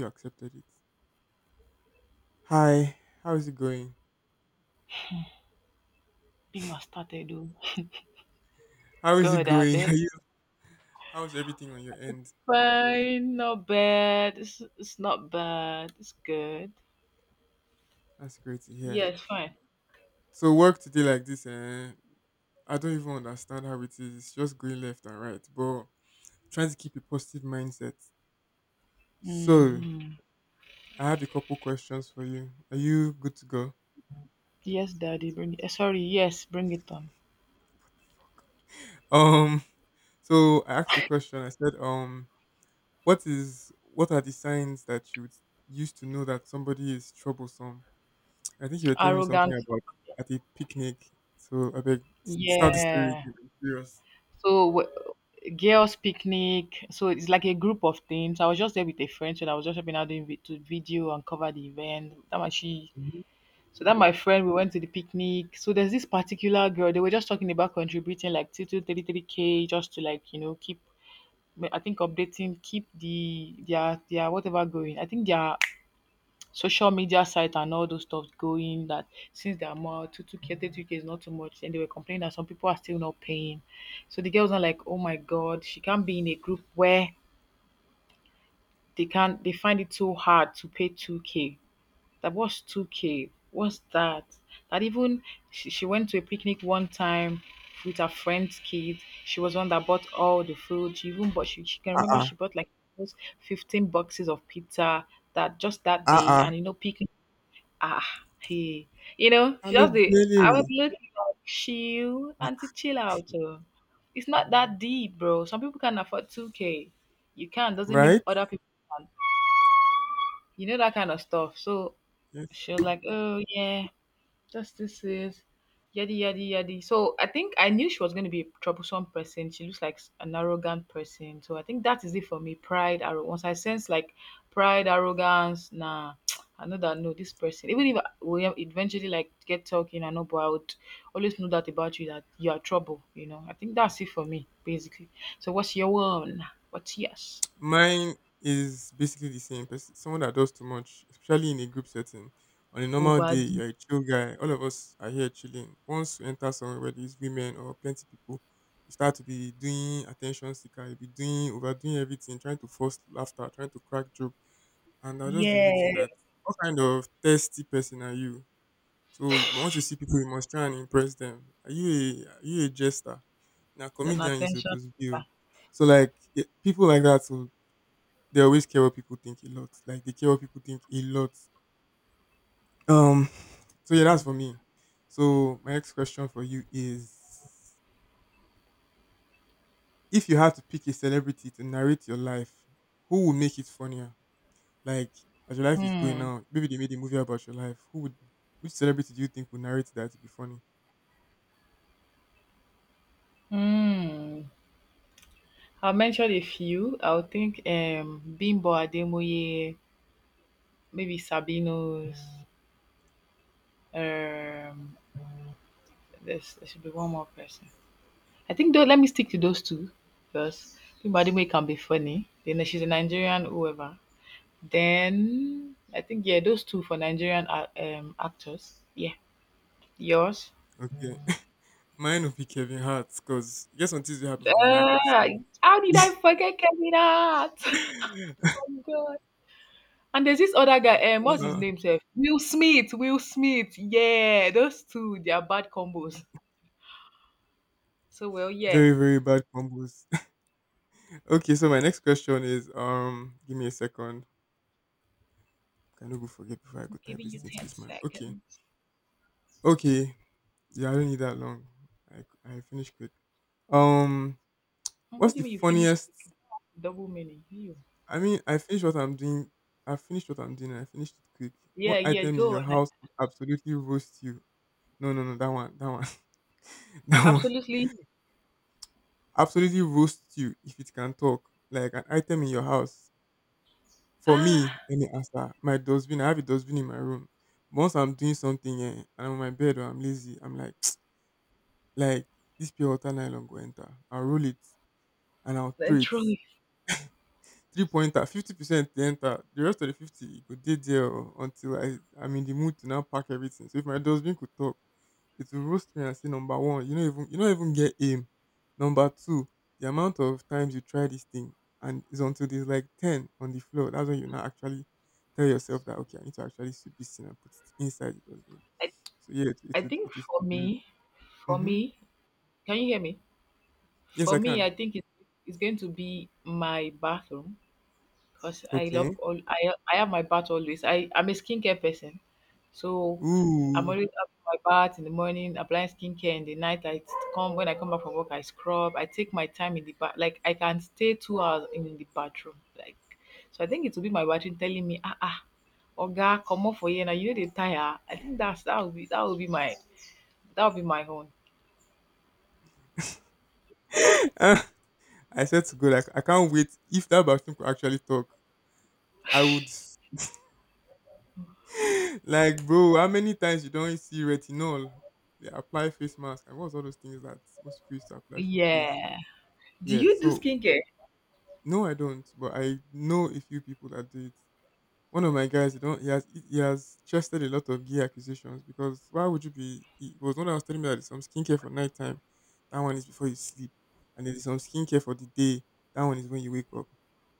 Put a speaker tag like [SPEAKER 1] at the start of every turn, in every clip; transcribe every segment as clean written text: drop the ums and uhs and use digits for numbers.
[SPEAKER 1] You accepted it. Hi, how is it going?
[SPEAKER 2] Being my started. Oh,
[SPEAKER 1] How is it
[SPEAKER 2] good. I
[SPEAKER 1] going? Are
[SPEAKER 2] bet.
[SPEAKER 1] you, how's everything on your end?
[SPEAKER 2] Fine. Not bad. It's not bad. It's good.
[SPEAKER 1] That's great to hear.
[SPEAKER 2] Yes, fine.
[SPEAKER 1] So work today like this, eh? I don't even understand how it is. It's just going left and right, but trying to keep a positive mindset. So
[SPEAKER 2] Hmm.
[SPEAKER 1] I have a couple questions for you. Are you good to go?
[SPEAKER 2] Yes, Daddy. Bring it. Sorry. Yes, bring it on.
[SPEAKER 1] Um, so I asked the question. I said, what are the signs that you would use to know that somebody is troublesome? I think you were telling me something
[SPEAKER 2] Arrogant.
[SPEAKER 1] about at a picnic. So I beg start the story
[SPEAKER 2] Yeah.
[SPEAKER 1] again. I'm curious.
[SPEAKER 2] So, girls' picnic. So it's like a group of things. I was just there with a friend, so I was just helping out doing vi- to video and cover the event. That my she.
[SPEAKER 1] Mhm.
[SPEAKER 2] So that my friend, we went to the picnic. So there's this particular girl. They were just talking about contributing like 2 to 33K just to, like, keep I think updating, keep their whatever going. I think their social media site and all those stuff going. That since they are more two k 30K is not too much, and they were complaining that some people are still not paying. So the girls are like, oh my God, she can't be in a group where they can not they find it so hard to pay 2K. That what's 2K? What's that? That even she went to a picnic one time with her friend's kid. She was one that bought all the food. She even bought, she can remember
[SPEAKER 1] Uh-uh.
[SPEAKER 2] she bought like those 15 boxes of pizza that just that day.
[SPEAKER 1] Uh-uh.
[SPEAKER 2] And, you know, picnic, ah, hey,
[SPEAKER 1] Hello,
[SPEAKER 2] I was
[SPEAKER 1] Valerie.
[SPEAKER 2] looking like, chill, auntie, chill out. Oh. It's not that deep, bro. Some people can afford 2K. You can, doesn't mean
[SPEAKER 1] Right?
[SPEAKER 2] other people can. You know, that kind of stuff. So
[SPEAKER 1] Yes.
[SPEAKER 2] she was like, oh, yeah. Justices, yadi yadi yadi. So I think I knew she was going to be a troublesome person. She looks like an arrogant person. So I think that is it for me. Pride, arrogance. Once I sense like pride, arrogance, nah. I know that no, this person. Even if we eventually like get talking, I know, but I would always know that about you that you are trouble. You know, I think that's it for me basically. So what's your one? What's yours?
[SPEAKER 1] Mine is basically the same person. Someone that does too much, especially in a group setting. On a normal day,
[SPEAKER 2] Over,
[SPEAKER 1] you're a chill guy. All of us are here chilling. Once you enter somewhere where there's women or plenty people, you start to be doing attention seeker. You be doing overdoing everything, trying to force laughter, trying to crack jokes, and I'll just be
[SPEAKER 2] yeah,
[SPEAKER 1] looking that what kind of thirsty person are you? Once you see people, you must try and impress them. Are you a jester? Now
[SPEAKER 2] an
[SPEAKER 1] comedian you
[SPEAKER 2] attention.
[SPEAKER 1] supposed to be. O. So like people like that, so they always care what people think a lot. Like they care what people think a lot. Um. So yeah, that's for me. So my next question for you is: if you had to pick a celebrity to narrate your life, who would make it funnier? Like, as your life is going
[SPEAKER 2] Hmm.
[SPEAKER 1] now, maybe they made a movie about your life. Which celebrity do you think would narrate that to be funny?
[SPEAKER 2] Hmm. I'll mention a few. I would think Bimbo Ademoye, maybe Sabino's. Um, there should be one more person. I think though, let me stick to those two because Bimbo Ademoye can be funny. Then she's a Nigerian, whoever. Then I think, yeah, those two for Nigerian actors. Yeah, yours.
[SPEAKER 1] Okay, mine would be Kevin Hart because guess what things will happen for my life
[SPEAKER 2] Uh,
[SPEAKER 1] will.
[SPEAKER 2] how did I forget Kevin Hart? Oh, God. And there's this other guy, what's his
[SPEAKER 1] Uh,
[SPEAKER 2] name sef? Will Smith, Will Smith. Yeah, those two, they are bad combos. So, well, yeah,
[SPEAKER 1] Very very bad combos. Okay, so my next question is, give me a second. Can I no go forget before I go
[SPEAKER 2] I'm
[SPEAKER 1] type
[SPEAKER 2] giving
[SPEAKER 1] this
[SPEAKER 2] you
[SPEAKER 1] thing to
[SPEAKER 2] 10
[SPEAKER 1] this man? Okay,
[SPEAKER 2] seconds.
[SPEAKER 1] okay, yeah, I don't need that long. I I finish quick. Um,
[SPEAKER 2] And
[SPEAKER 1] what's
[SPEAKER 2] what do
[SPEAKER 1] the
[SPEAKER 2] you mean you finished
[SPEAKER 1] funniest
[SPEAKER 2] with double meaning? You.
[SPEAKER 1] I mean, I finished what I'm doing. I finished what I'm doing and I finished it quick. What
[SPEAKER 2] Yeah, yeah,
[SPEAKER 1] item in
[SPEAKER 2] go
[SPEAKER 1] your
[SPEAKER 2] on.
[SPEAKER 1] house would absolutely roast you? No, no, no, that one, that one.
[SPEAKER 2] Absolutely.
[SPEAKER 1] Absolutely roast you if it can talk. Like an item in your house. For me,
[SPEAKER 2] Ah,
[SPEAKER 1] let me answer. My dustbin, I have a dustbin in my room. Once I'm doing something eh, and I'm on my bed or I'm lazy, I'm like, like this pure water nylon go enter. I'll roll it and I'll throw
[SPEAKER 2] and
[SPEAKER 1] it.
[SPEAKER 2] truly,
[SPEAKER 1] Three pointer, 50% to enter. The rest of the fifty you go dey there o, until I'm in the mood to now pack everything. So if my dustbin could talk, it will roast me and say number one, you know, even you don't even get aim. Number two, the amount of times you try this thing and it's until there's like ten on the floor. That's when you now actually tell yourself that okay, I need to actually sweep this thing and put it inside the dustbin.
[SPEAKER 2] I,
[SPEAKER 1] So yeah,
[SPEAKER 2] I
[SPEAKER 1] it,
[SPEAKER 2] think
[SPEAKER 1] it,
[SPEAKER 2] for
[SPEAKER 1] it,
[SPEAKER 2] me, for
[SPEAKER 1] mm-hmm.
[SPEAKER 2] me, can you hear me?
[SPEAKER 1] Yes,
[SPEAKER 2] For
[SPEAKER 1] I
[SPEAKER 2] me,
[SPEAKER 1] can.
[SPEAKER 2] I think it's going to be my bathroom, because I
[SPEAKER 1] Okay.
[SPEAKER 2] love all, I have my bath always. I'm a skincare person, so I'm
[SPEAKER 1] Ooh.
[SPEAKER 2] always having my bath in the morning, applying skincare in the night. I come when I come back from work, I scrub. I take my time in the bath. Like, I can stay 2 hours in the bathroom. Like, so I think it will be my bathroom telling me, Oga, come up for you now. You know they tire. I think that will be my that will be my own.
[SPEAKER 1] I said to go like I can't wait if that bathroom could actually talk. I would like, bro, how many times you don't see retinol? They apply face mask and what's all those things that most people used to apply for face.
[SPEAKER 2] Yeah. Do
[SPEAKER 1] Yeah,
[SPEAKER 2] you do
[SPEAKER 1] so
[SPEAKER 2] skincare?
[SPEAKER 1] no, I don't, but I know a few people that do it. One of my guys, he don't, he has chested a lot of gear acquisitions because why would you be? It was one that was telling me that there's some skincare for nighttime. That one is before you sleep, and there's some skincare for the day. That one is when you wake up.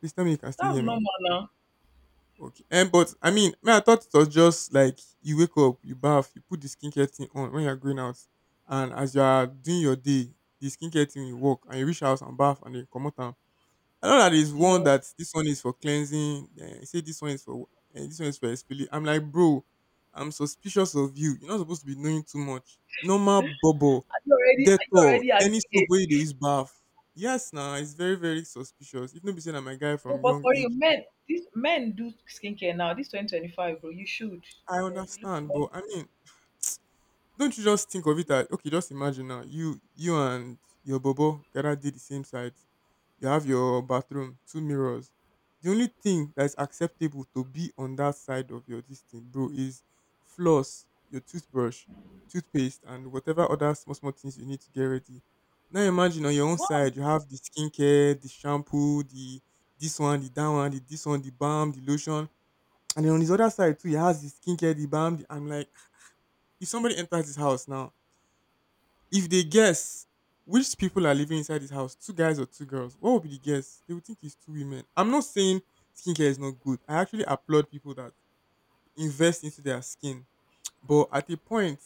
[SPEAKER 1] Please tell me you can still
[SPEAKER 2] That's
[SPEAKER 1] hear me.
[SPEAKER 2] normal now.
[SPEAKER 1] Okay. and But I mean, me, I thought it was just like you wake up, you bath, you put the skincare thing on when you're going out, and as you are doing your day, the skincare thing will work, and you reach house and bath, and then come out. And I know that there's one
[SPEAKER 2] No,
[SPEAKER 1] that this one is for cleansing. Say this one is for, this one is for exfoli. I'm like, bro, I'm suspicious of you. You're not supposed to be knowing too much. Normal bubble,
[SPEAKER 2] are you already? Are you
[SPEAKER 1] Dettol,
[SPEAKER 2] already
[SPEAKER 1] any soap
[SPEAKER 2] angry?
[SPEAKER 1] where they use bath. Yes, now nah, it's very very suspicious. If nobody said I'm a guy
[SPEAKER 2] No,
[SPEAKER 1] from
[SPEAKER 2] but
[SPEAKER 1] young
[SPEAKER 2] for you,
[SPEAKER 1] age.
[SPEAKER 2] men, these men do skincare now. This 2025, bro, you should.
[SPEAKER 1] I
[SPEAKER 2] You know, you look
[SPEAKER 1] understand,
[SPEAKER 2] for,
[SPEAKER 1] but I mean, don't you just think of it as okay? Just imagine now, you and your bobo gotta did the same sides. You have your bathroom, two mirrors. The only thing that is acceptable to be on that side of your this thing, bro, is floss, your toothbrush, toothpaste, and whatever other small small things you need to get ready. Now imagine on your own
[SPEAKER 2] wow.
[SPEAKER 1] side, you have the skincare, the shampoo, the this one, the that one, the this one, the balm, the lotion, and then on his other side too, he has the skincare, the balm. I'm like if somebody enters his house now, if they guess which people are living inside his house, two guys or two girls, what would be the guess? They would think it's two women. I'm not saying skincare is not good. I actually applaud people that invest into their skin. But at a point,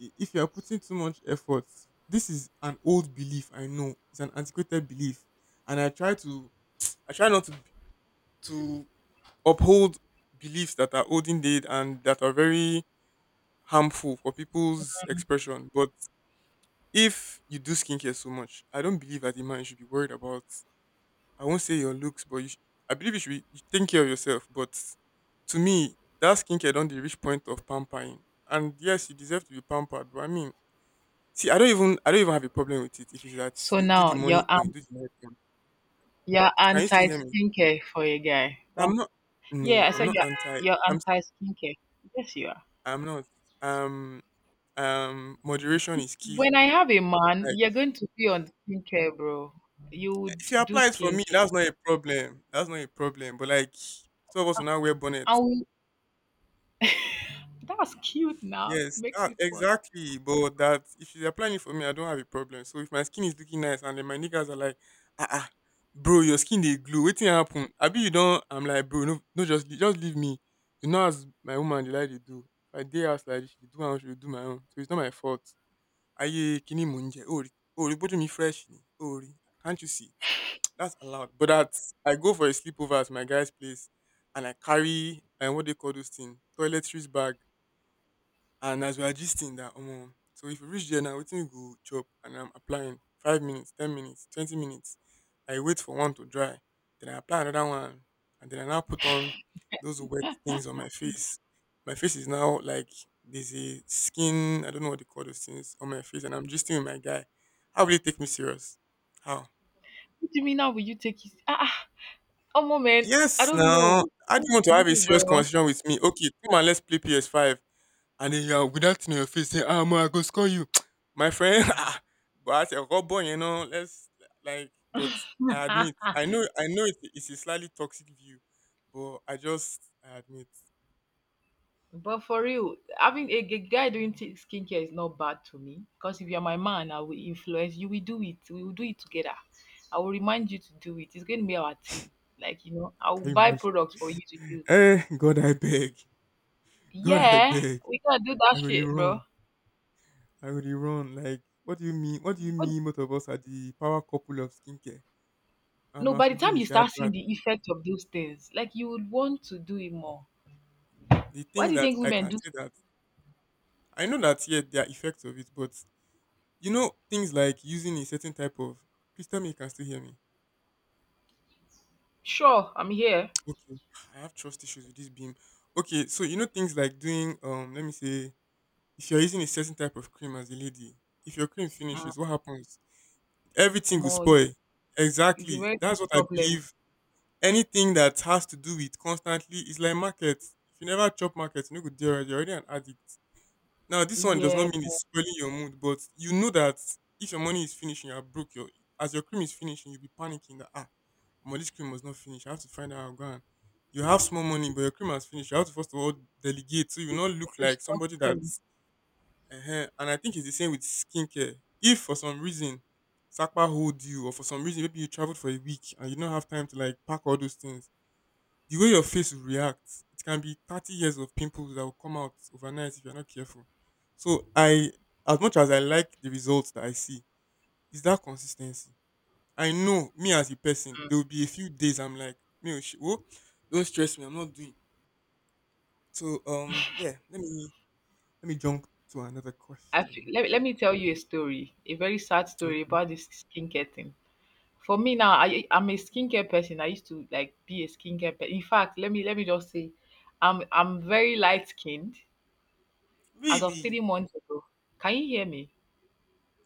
[SPEAKER 1] if you are putting too much effort, this is an old belief. I know it's an antiquated belief, and I try not to to uphold beliefs that are old indeed and that are very harmful for people's expression. But if you do skincare so much, I don't believe as a man you should be worried about. I won't say your looks, but you sh- I believe you should be you take care of yourself. But to me, that skincare don't dey reach point of pampering. And yes, you deserve to be pampered, but I mean, see, I don't even have a problem with it. If it's that
[SPEAKER 2] So
[SPEAKER 1] you do the
[SPEAKER 2] now
[SPEAKER 1] money one, you do the night one.
[SPEAKER 2] you're
[SPEAKER 1] Can you still
[SPEAKER 2] anti
[SPEAKER 1] hear me?
[SPEAKER 2] skincare for a guy.
[SPEAKER 1] I'm not.
[SPEAKER 2] Yeah,
[SPEAKER 1] No,
[SPEAKER 2] I
[SPEAKER 1] I'm
[SPEAKER 2] said
[SPEAKER 1] not
[SPEAKER 2] you're
[SPEAKER 1] anti.
[SPEAKER 2] you're
[SPEAKER 1] I'm
[SPEAKER 2] anti skincare. Yes, you are.
[SPEAKER 1] I'm not. Um um, moderation is key.
[SPEAKER 2] When I have a man,
[SPEAKER 1] Like
[SPEAKER 2] you're going to be on skincare, bro. You
[SPEAKER 1] if
[SPEAKER 2] would
[SPEAKER 1] you
[SPEAKER 2] do
[SPEAKER 1] apply it for me,
[SPEAKER 2] skincare,
[SPEAKER 1] that's not a problem. That's not a problem. But like some of us will now wear bonnet.
[SPEAKER 2] and we, that's cute. Now
[SPEAKER 1] Yes,
[SPEAKER 2] makes
[SPEAKER 1] that,
[SPEAKER 2] me fun.
[SPEAKER 1] exactly. But that if she's applying it for me, I don't have a problem. So if my skin is looking nice and then my niggas are like, ah, ah, bro, your skin they glue. Waiting happen. I be you don't. I'm like, bro, no, no, just leave me. You know as my woman they like they do. If I dare ask like this, she dey do and she will do my own. So it's not my fault. Ayé kíni mò ń jẹ? O rí pe oju mi fresh ni? O rí. Can't you see it? That's allowed. But that I go for a sleepover at my guy's place and I carry what do you call those things? Toiletries bag. And as we are gisting that, so if you reach there now, waiting you go chop and I'm applying 5 minutes, 10 minutes, 20 minutes. I wait for one to dry, then I apply another one, and then I now put on those wet things on my face. My face is now like there's a skin, I don't know what they call those things on my face, and I'm gisting with my guy. How will you take me serious? How?
[SPEAKER 2] What do you mean? Now will you take his? Oh man, I
[SPEAKER 1] Yes,
[SPEAKER 2] don't
[SPEAKER 1] now
[SPEAKER 2] know.
[SPEAKER 1] I do
[SPEAKER 2] Oh,
[SPEAKER 1] you want to have a
[SPEAKER 2] bro.
[SPEAKER 1] serious conversation with me. Okay, come on, let's play PS5. And then you are with that thing your face saying, ah, man, I go score you. My friend, ah, but I said, boy, you know, but I admit, I know it's a slightly toxic view, but I just, I admit,
[SPEAKER 2] But for real, having a guy doing skincare is not bad to me. Because if you're my man, I will influence you. We do it. We will do it together. I will remind you to do it. It's going to be our thing. Like, you know, I will
[SPEAKER 1] can you
[SPEAKER 2] buy
[SPEAKER 1] imagine?
[SPEAKER 2] products for you to use.
[SPEAKER 1] Eh, God, I beg. God, I
[SPEAKER 2] Yeah,
[SPEAKER 1] beg.
[SPEAKER 2] we can do that
[SPEAKER 1] I could
[SPEAKER 2] shit, bro.
[SPEAKER 1] run. I could run. Like, what do you mean? What do you
[SPEAKER 2] But
[SPEAKER 1] mean both of us are the power couple of skincare? I'm
[SPEAKER 2] no,
[SPEAKER 1] a
[SPEAKER 2] by the
[SPEAKER 1] Fuji
[SPEAKER 2] time you
[SPEAKER 1] Michelle,
[SPEAKER 2] start seeing
[SPEAKER 1] Shadvat.
[SPEAKER 2] the effect of those things, like, you would want to do it more.
[SPEAKER 1] The
[SPEAKER 2] Why
[SPEAKER 1] thing
[SPEAKER 2] do you
[SPEAKER 1] that
[SPEAKER 2] think
[SPEAKER 1] I
[SPEAKER 2] women
[SPEAKER 1] can
[SPEAKER 2] do?
[SPEAKER 1] say that I know that yeah, there are effects of it, but you know, things like using a certain type of please tell me you can still hear me.
[SPEAKER 2] Sure, I'm here.
[SPEAKER 1] Okay. I have trust issues with this beam. Okay, so you know things like doing let me say if you're using a certain type of cream as a lady, if your cream
[SPEAKER 2] Mm.
[SPEAKER 1] finishes, what happens? Everything will
[SPEAKER 2] Omo,
[SPEAKER 1] spoil.
[SPEAKER 2] it's a
[SPEAKER 1] Exactly.
[SPEAKER 2] very big
[SPEAKER 1] That's what I
[SPEAKER 2] problem.
[SPEAKER 1] believe. Anything that has to do with constantly is like market. If you never chop market, you no go there. You're already an addict. Now, this one does not
[SPEAKER 2] Yeah,
[SPEAKER 1] mean it's spoiling your mood, but you know that if your money is finishing, you are broke, your as your cream is finishing, you'll be panicking that ah, my this cream was not finished. I have to find out how I'm going. You have small money, but your cream has finished. You have to first of all delegate, so you not look like
[SPEAKER 2] restock
[SPEAKER 1] somebody
[SPEAKER 2] cream.
[SPEAKER 1] that's. uh And I think it's the same with skincare. If for some reason Sakpa hold you, or for some reason maybe you traveled for a week and you don't have time to like pack all those things, the way your face will react, it can be 30 years of pimples that will come out overnight if you're not careful. So I, as much as I like the results that I see, is that consistency. I know me as a person, there will be a few days I'm like, me, oh, don't stress me, I'm not doing. So let me let me jump to another
[SPEAKER 2] I feel,
[SPEAKER 1] question.
[SPEAKER 2] let me tell you a story, a very sad story
[SPEAKER 1] Okay.
[SPEAKER 2] about this skincare thing. For me now, I'm a skincare person. I used to like be a skincare person. In fact, let me just say, I'm very light skinned. As of
[SPEAKER 1] Really?
[SPEAKER 2] 3 months ago, can you hear me?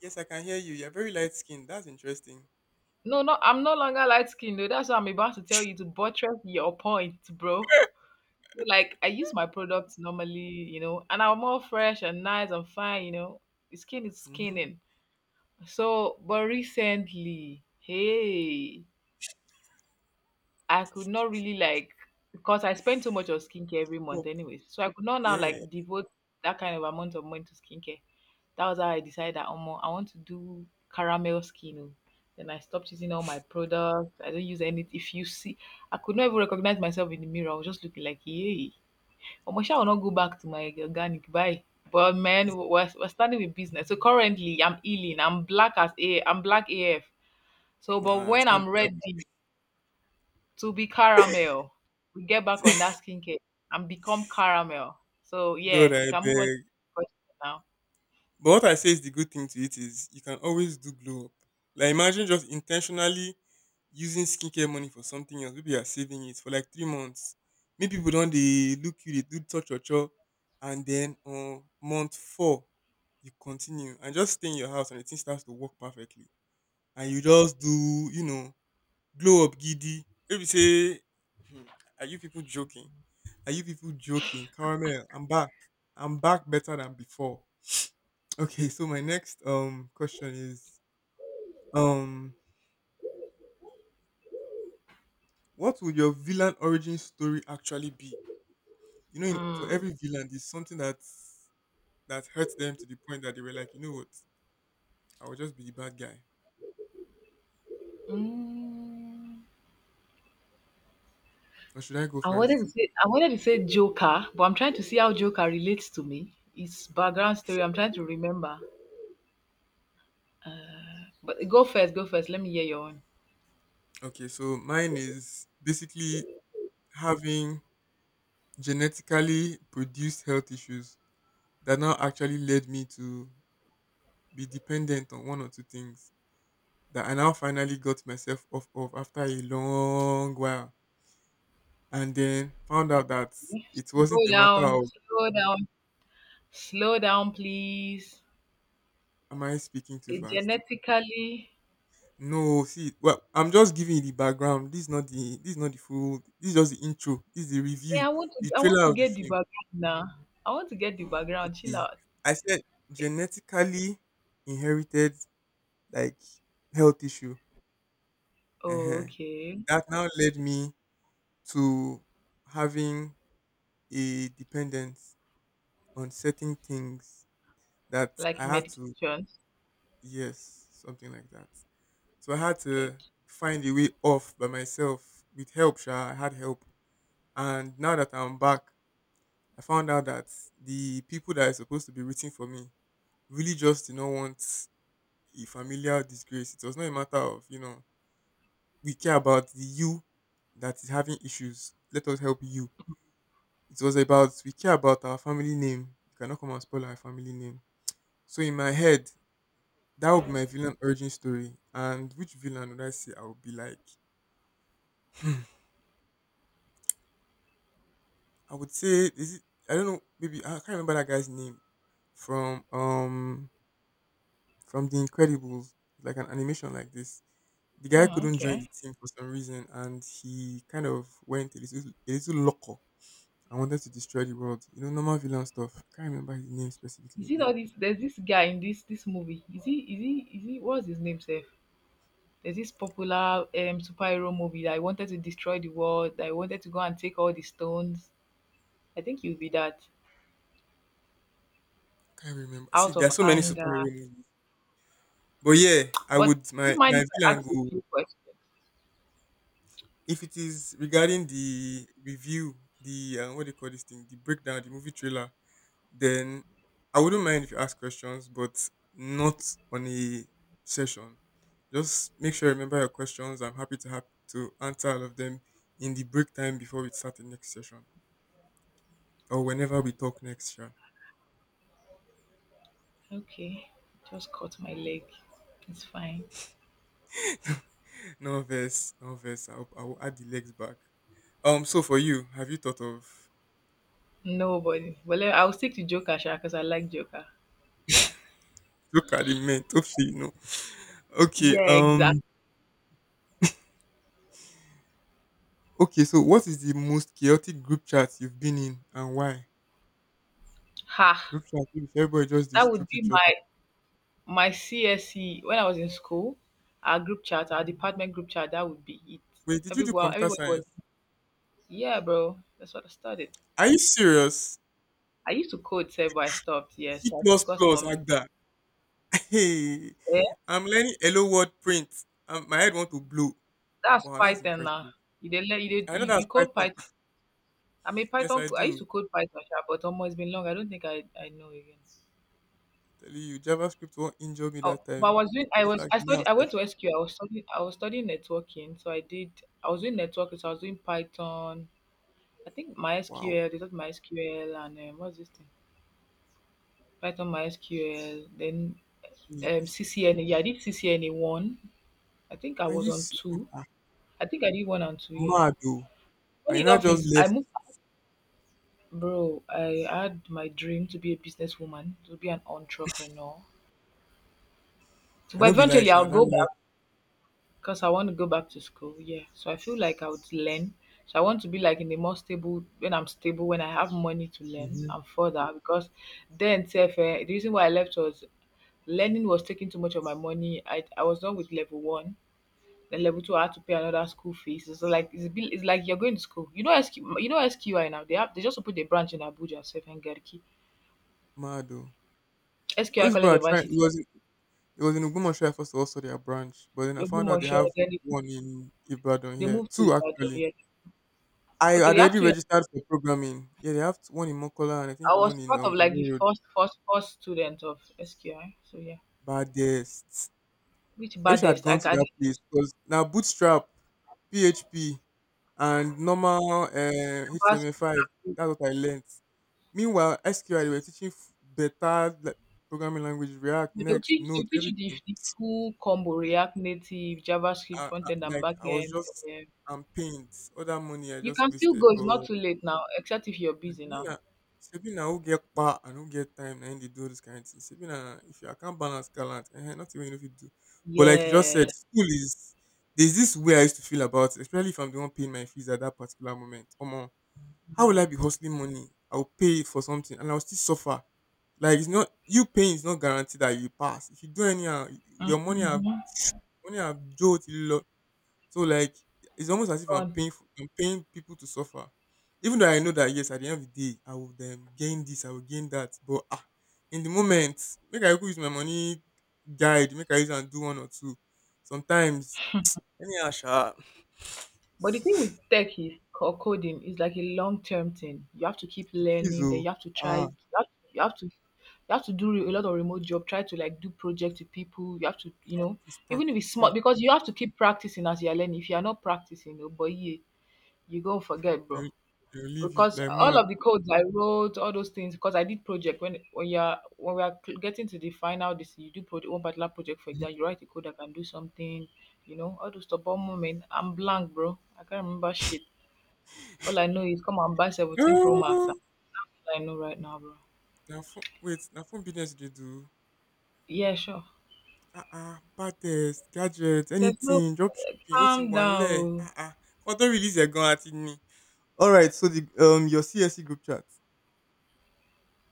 [SPEAKER 1] Yes, I can hear you. You're very light skinned. That's interesting.
[SPEAKER 2] No, no, I'm no longer light skinned though. That's what I'm about to tell you to buttress your point, bro. So, like, I use my products normally, you know, and I'm all fresh and nice and fine, you know. Skin is
[SPEAKER 1] Mm-hmm.
[SPEAKER 2] skinning. So, but recently, hey, I could not really, like, because I spend so much on skincare every month
[SPEAKER 1] Oh,
[SPEAKER 2] anyways. So I could not now,
[SPEAKER 1] yeah.
[SPEAKER 2] like, devote that kind of amount of money to skincare. That was how I decided that Omo, I want to do caramel skin. Oh. Then I stopped using all my products. I don't use any. If you see, I could not even recognize myself in the mirror. I was just looking like, yay. Omo, sha, I will not go back to my organic. Bye. But man, we're starting with business. So currently, I'm healing. I'm black as A. I'm black AF. So, but
[SPEAKER 1] Nah, it's
[SPEAKER 2] when
[SPEAKER 1] can't
[SPEAKER 2] I'm
[SPEAKER 1] be that
[SPEAKER 2] ready, to be caramel. We get back on that skincare and become caramel. So
[SPEAKER 1] bad.
[SPEAKER 2] yeah,
[SPEAKER 1] Good,
[SPEAKER 2] you
[SPEAKER 1] I
[SPEAKER 2] can move on to
[SPEAKER 1] beg.
[SPEAKER 2] the question now.
[SPEAKER 1] But what I say is the good thing to it is you can always do glow up. Like imagine just intentionally using skincare money for something else. Maybe you are saving it for like 3 months. Maybe people don't they look you, they do touch your jaw, and then on month four, you continue and just stay in your house and the thing starts to work perfectly. And you just do, you know, glow up giddy. Maybe say, hmm, are you people joking? Are you people joking? Caramel, I'm back. I'm back better than before. Okay, so my next question is um what would your villain origin story actually be? You know, in, for
[SPEAKER 2] Mm.
[SPEAKER 1] every villain, there's something that that hurts them to the point that they were like, you know what, I will just be the bad guy.
[SPEAKER 2] Mm.
[SPEAKER 1] Or should I go first?
[SPEAKER 2] I wanted to say Joker, but I'm trying to see how Joker relates to me. It's background story. I'm trying to remember. But go first. Let me hear your own.
[SPEAKER 1] Okay, so mine is basically having genetically produced health issues that now actually led me to be dependent on one or two things that I now finally got myself off of after a long while and then found out that it wasn't
[SPEAKER 2] Slow
[SPEAKER 1] a matter
[SPEAKER 2] down,
[SPEAKER 1] of
[SPEAKER 2] slow down, slow down, please.
[SPEAKER 1] am I speaking too
[SPEAKER 2] It
[SPEAKER 1] fast.
[SPEAKER 2] genetically.
[SPEAKER 1] No, see, well, I'm just giving you the background. This is not the this is not the full. This is just the intro. This is the
[SPEAKER 2] Yeah,
[SPEAKER 1] review,
[SPEAKER 2] I want to
[SPEAKER 1] the
[SPEAKER 2] I want
[SPEAKER 1] trailer.
[SPEAKER 2] to
[SPEAKER 1] Of the
[SPEAKER 2] get the
[SPEAKER 1] film.
[SPEAKER 2] background now. I want to get the background. Chill
[SPEAKER 1] Okay,
[SPEAKER 2] out.
[SPEAKER 1] I said genetically inherited like health issue. Uh
[SPEAKER 2] Oh,
[SPEAKER 1] huh.
[SPEAKER 2] okay.
[SPEAKER 1] That now led me to having a dependence on certain things that
[SPEAKER 2] Like
[SPEAKER 1] I had to.
[SPEAKER 2] medication.
[SPEAKER 1] Yes, something like that. So I had to
[SPEAKER 2] Okay.
[SPEAKER 1] find a way off by myself with help. Sha, I had help, and now that I'm back, I found out that the people that are supposed to be rooting for me really just do not want a familiar disgrace. It was not a matter of you know we care about the you that is having issues. Let us help you. It was about we care about our family name. You cannot come and spoil our family name. So in my head, that would be my villain origin story. And which villain would I say I would be like? I would say is it I don't know, maybe I can't remember that guy's name from um from The Incredibles, like an animation like this. The guy
[SPEAKER 2] Oh,
[SPEAKER 1] couldn't join the
[SPEAKER 2] okay.
[SPEAKER 1] team for some reason and he kind of went a little loco and wanted to destroy the world. You know, normal villain stuff. I can't remember his name specifically
[SPEAKER 2] Is it
[SPEAKER 1] again.
[SPEAKER 2] all this? There's this guy in this movie. Is he? Is he? Is he? What's his name, Seth? There's this popular superhero movie that I wanted to destroy the world. That I wanted to go and take all the stones. I think you'll be that
[SPEAKER 1] Can't remember. See,
[SPEAKER 2] out
[SPEAKER 1] there
[SPEAKER 2] of
[SPEAKER 1] are so many
[SPEAKER 2] anger.
[SPEAKER 1] superhero movies. But yeah, I
[SPEAKER 2] But
[SPEAKER 1] would
[SPEAKER 2] do you
[SPEAKER 1] my
[SPEAKER 2] mind
[SPEAKER 1] my
[SPEAKER 2] if I
[SPEAKER 1] villain
[SPEAKER 2] ask a
[SPEAKER 1] go
[SPEAKER 2] few questions?
[SPEAKER 1] if it is regarding the review, the what do you call this thing, the breakdown, the movie trailer. Then I wouldn't mind if you ask questions, but not on a session. Just make sure you remember your questions. I'm happy to have to answer all of them in the break time before we start the next session or whenever we talk next. Sure.
[SPEAKER 2] Okay. Just cut my leg. It's fine.
[SPEAKER 1] No verse, no verse. I'll add the legs back. So for you, have you thought of
[SPEAKER 2] Nobody. Well, I'll stick to Joker, because I like Joker. Yeah.
[SPEAKER 1] look at the men? Hopefully, you know. Okay.
[SPEAKER 2] Yeah. Exactly.
[SPEAKER 1] Okay. So what is the most chaotic group chat you've been in and why?
[SPEAKER 2] Ha.
[SPEAKER 1] Group chat. Everybody just they
[SPEAKER 2] That would
[SPEAKER 1] stroke
[SPEAKER 2] be
[SPEAKER 1] each other.
[SPEAKER 2] my CSE when I was in school, our group chat, our department group chat. That would be it.
[SPEAKER 1] Wait, did you do
[SPEAKER 2] Everyone,
[SPEAKER 1] computer
[SPEAKER 2] everybody was,
[SPEAKER 1] science?
[SPEAKER 2] yeah, bro. That's what I started.
[SPEAKER 1] Are you serious?
[SPEAKER 2] I used to code, save, but I stopped. Yeah,
[SPEAKER 1] C
[SPEAKER 2] so I
[SPEAKER 1] plus
[SPEAKER 2] focused more
[SPEAKER 1] plus
[SPEAKER 2] on,
[SPEAKER 1] like that. Hey,
[SPEAKER 2] yeah,
[SPEAKER 1] I'm learning hello world print. My head want to blow.
[SPEAKER 2] that's
[SPEAKER 1] Wow, that's
[SPEAKER 2] Python now.
[SPEAKER 1] impressive.
[SPEAKER 2] You did, you, did,
[SPEAKER 1] I know
[SPEAKER 2] you
[SPEAKER 1] that's
[SPEAKER 2] you code
[SPEAKER 1] Python.
[SPEAKER 2] Python. I mean,
[SPEAKER 1] Yes,
[SPEAKER 2] Python.
[SPEAKER 1] I
[SPEAKER 2] I used
[SPEAKER 1] do.
[SPEAKER 2] to code Python, sha, but almost it's been long. I don't think I know again.
[SPEAKER 1] Tell you, JavaScript won't injure me
[SPEAKER 2] Oh,
[SPEAKER 1] that
[SPEAKER 2] but I
[SPEAKER 1] time.
[SPEAKER 2] was doing. I
[SPEAKER 1] In
[SPEAKER 2] was.
[SPEAKER 1] fact,
[SPEAKER 2] I
[SPEAKER 1] now,
[SPEAKER 2] studied. I
[SPEAKER 1] sef,
[SPEAKER 2] went to SQ. I was studying networking. So I did. I was doing networking. So I was doing Python. I think
[SPEAKER 1] wow.
[SPEAKER 2] MySQL, they taught MySQL and what's this thing? Python MySQL, then
[SPEAKER 1] Me, it's-
[SPEAKER 2] CCNA. Yeah, I did CCNA one. I think I was on
[SPEAKER 1] Ah,
[SPEAKER 2] two.
[SPEAKER 1] ah,
[SPEAKER 2] I think I did one and two, yeah.
[SPEAKER 1] mad though?
[SPEAKER 2] Funny
[SPEAKER 1] I not
[SPEAKER 2] enough
[SPEAKER 1] just
[SPEAKER 2] is I
[SPEAKER 1] left.
[SPEAKER 2] moved, bro, I had my dream to be a businesswoman, to be an entrepreneur. So,
[SPEAKER 1] I
[SPEAKER 2] but
[SPEAKER 1] don't be like
[SPEAKER 2] eventually
[SPEAKER 1] sha,
[SPEAKER 2] I'll
[SPEAKER 1] that
[SPEAKER 2] go
[SPEAKER 1] life.
[SPEAKER 2] back because I want to go back to school, yeah. So I feel like I would learn. So I want to be like in a more stable, when I'm stable, when I have money to learn
[SPEAKER 1] Mm-hmm.
[SPEAKER 2] and further because then sef the reason why I left was, learning was taking too much of my money. I was done with level one. Then level two, I had to pay another school fees. It's like it's, a bit- It's like you're going to school. You know SQ, you know SQI now. They just opened a branch in Abuja, Sef and Garki.
[SPEAKER 1] Mad though. All
[SPEAKER 2] SQI
[SPEAKER 1] these people
[SPEAKER 2] College
[SPEAKER 1] are
[SPEAKER 2] of
[SPEAKER 1] trying. It
[SPEAKER 2] ICT.
[SPEAKER 1] was it was in Ogbomoso first also their branch, but then I found out they
[SPEAKER 2] Ogbomoso.
[SPEAKER 1] have
[SPEAKER 2] Then they,
[SPEAKER 1] one in Ibadan
[SPEAKER 2] they
[SPEAKER 1] here.
[SPEAKER 2] moved to
[SPEAKER 1] Two
[SPEAKER 2] Ibadan.
[SPEAKER 1] actually.
[SPEAKER 2] Yeah.
[SPEAKER 1] I
[SPEAKER 2] Okay, they
[SPEAKER 1] had
[SPEAKER 2] have
[SPEAKER 1] already
[SPEAKER 2] two. Years.
[SPEAKER 1] registered for programming. Yeah, they have one in Mokola and I think
[SPEAKER 2] I was
[SPEAKER 1] one in
[SPEAKER 2] part of like the
[SPEAKER 1] Iwo Road.
[SPEAKER 2] first, first, first student of SQI. So yeah,
[SPEAKER 1] Baddest.
[SPEAKER 2] which
[SPEAKER 1] I wish I had
[SPEAKER 2] baddest?
[SPEAKER 1] gone to
[SPEAKER 2] I
[SPEAKER 1] that place because now Bootstrap, PHP, and normal HTML5. That's what I learned. Meanwhile, SQL they were teaching better like, programming language, React,
[SPEAKER 2] They'll
[SPEAKER 1] Next,
[SPEAKER 2] teach,
[SPEAKER 1] Node,
[SPEAKER 2] they'll teach you the,
[SPEAKER 1] everything.
[SPEAKER 2] the full combo React Native, JavaScript front end and
[SPEAKER 1] Like
[SPEAKER 2] back
[SPEAKER 1] I was
[SPEAKER 2] end.
[SPEAKER 1] just
[SPEAKER 2] Yeah.
[SPEAKER 1] I'm pained. All that money I
[SPEAKER 2] You
[SPEAKER 1] just
[SPEAKER 2] can still
[SPEAKER 1] wasted.
[SPEAKER 2] go, it's
[SPEAKER 1] But
[SPEAKER 2] not too late now, except if you're busy now.
[SPEAKER 1] Sabina, Sabina who get pa and who get time and they do this kind of thing. Sabina, if you I can't balance gallant, eh, not even if you do. But like you just said,
[SPEAKER 2] Yeah.
[SPEAKER 1] school is there's this way I used to feel about it, especially if I'm the one paying my fees at that particular moment. Omo, how will I
[SPEAKER 2] Mm.
[SPEAKER 1] be hustling money? I'll pay for something and I'll still suffer. Like it's not you paying is not guaranteed that you pass. If you do anyhow, your
[SPEAKER 2] Mhm.
[SPEAKER 1] money have jolted so like it's almost as if I'm
[SPEAKER 2] Gone.
[SPEAKER 1] paying for, I'm paying people to suffer. Even though I know that yes, at the end of the day, I will gain this, I will gain that. But ah, in the moment, make I go use my money guide, make I use and do one or two. Sometimes anyhow, sha,
[SPEAKER 2] But the thing with tech is or coding is like a long term thing. You have to keep
[SPEAKER 1] it is
[SPEAKER 2] learning, then
[SPEAKER 1] oh
[SPEAKER 2] you have to try
[SPEAKER 1] ah,
[SPEAKER 2] you have to do a lot of remote job, try to like do projects with people. You have to,
[SPEAKER 1] it's
[SPEAKER 2] even if
[SPEAKER 1] practice,
[SPEAKER 2] it's small
[SPEAKER 1] practice.
[SPEAKER 2] because you have to keep practicing as you're learning. If you are not practicing, oh boy, you go forget, bro.
[SPEAKER 1] They'll, they'll leave you
[SPEAKER 2] Because
[SPEAKER 1] like
[SPEAKER 2] all
[SPEAKER 1] mad.
[SPEAKER 2] of the codes I wrote, all those things, because I did project when we are getting to the final, this you do project, one particular project for example, you write a code that can do something, all those stuff. But moment, I'm blank, bro. I can't remember shit. All I know is come and buy 17 Pro Max.
[SPEAKER 1] Oh,
[SPEAKER 2] That's all I know right now, bro.
[SPEAKER 1] na phone business they do.
[SPEAKER 2] Yeah, sure.
[SPEAKER 1] Ah-ah, Baddest, gadgets,
[SPEAKER 2] There's no
[SPEAKER 1] anything, dropshipping, ó ti
[SPEAKER 2] calm
[SPEAKER 1] wà
[SPEAKER 2] down.
[SPEAKER 1] ńlẹ̀.
[SPEAKER 2] Oh.
[SPEAKER 1] Ah-ah, kán tó release ẹ̀ gan-an a ti ní. Alright, so the your CSC group chat.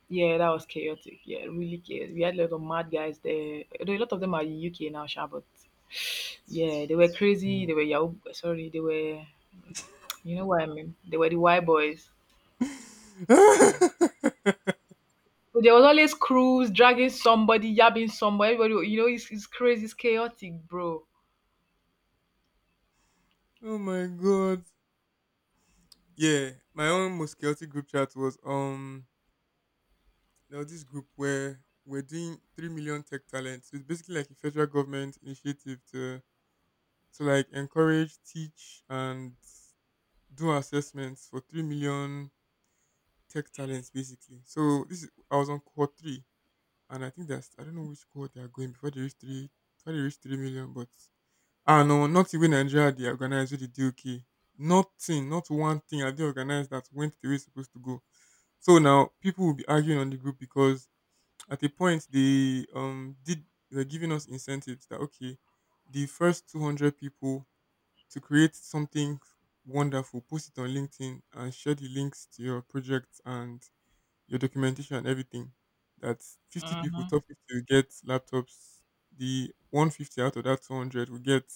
[SPEAKER 2] Yeah, that was chaotic. Yeah, really chaotic. We had a lot of mad guys there. Although a lot of them are in UK now, sha, but yeah, they were crazy.
[SPEAKER 1] Mm.
[SPEAKER 2] They were Yahoo. Sorry, they were. You know what I mean? They were the white boys. So there was always crews dragging somebody, yabbing somebody. Everybody, you know, it's crazy, it's chaotic, bro.
[SPEAKER 1] oh my god. Yeah, my own most chaotic group chat was there was this group where we're doing 3 million tech talent. So it's basically like a federal government initiative to like encourage, teach, and do assessments for 3 million tech talents basically. So this is, I was on cohort three, and I think that's I don't know which cohort they are going before they reach three before they reach 3 million. But ah no, not even Nigeria they organized with the DOK. Nothing, not one thing are they organized that went the way it's supposed to go. So now people will be arguing on the group because at a point they did they were giving us incentives that okay, the first 200 people to create something wonderful, post it on LinkedIn and share the links to your project and your documentation and everything. That 50 people,
[SPEAKER 2] Hmm.
[SPEAKER 1] top 50 will get laptops. The 150 out of that 200 will get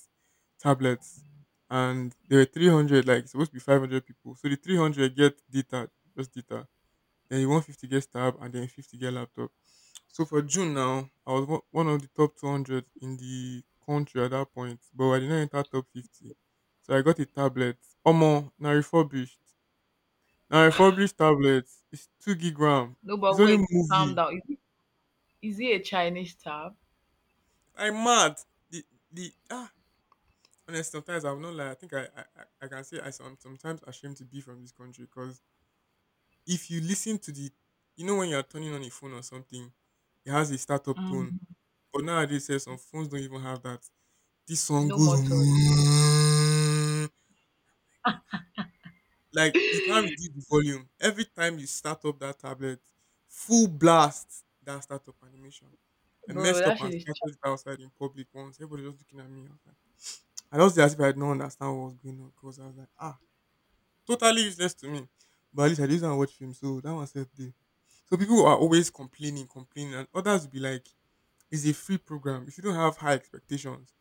[SPEAKER 1] tablets. And there were 300, like it's supposed to be 500 people. So the 300 get data, just data. Then the 150 gets tab and then 50 get laptop. So for June now, I was one of the top 200 in the country at that point, but I did not enter top 50. So I got a tablet, Omo, now refurbished. Now I published tablet. It's 2 GB RAM.
[SPEAKER 2] No,
[SPEAKER 1] It's
[SPEAKER 2] but
[SPEAKER 1] only
[SPEAKER 2] wait, calm
[SPEAKER 1] movie.
[SPEAKER 2] down. Is it a Chinese tab?
[SPEAKER 1] I'm mad. The the honest sometimes I will not lie. I think I can say I am sometimes ashamed to be from this country because if you listen to the you know when you're turning on a phone or something, it has a startup tone.
[SPEAKER 2] Mm.
[SPEAKER 1] But nowadays eh, some phones don't even have that. This song
[SPEAKER 2] No
[SPEAKER 1] goes
[SPEAKER 2] more toys.
[SPEAKER 1] Like you can't reduce the volume. Every time you start up that tablet, full blast that startup animation. I
[SPEAKER 2] Bro,
[SPEAKER 1] messed up
[SPEAKER 2] that
[SPEAKER 1] and
[SPEAKER 2] shit is.
[SPEAKER 1] started
[SPEAKER 2] Ch-
[SPEAKER 1] it outside in public once. Everybody was looking at me. I was like, I just did as if I did not understand what was going on because I was like, totally useless to me. But at least I didn't want to watch film, so that was safe day. So people are always complaining, complaining, and others will be like, it's a free program. If you don't have high expectations,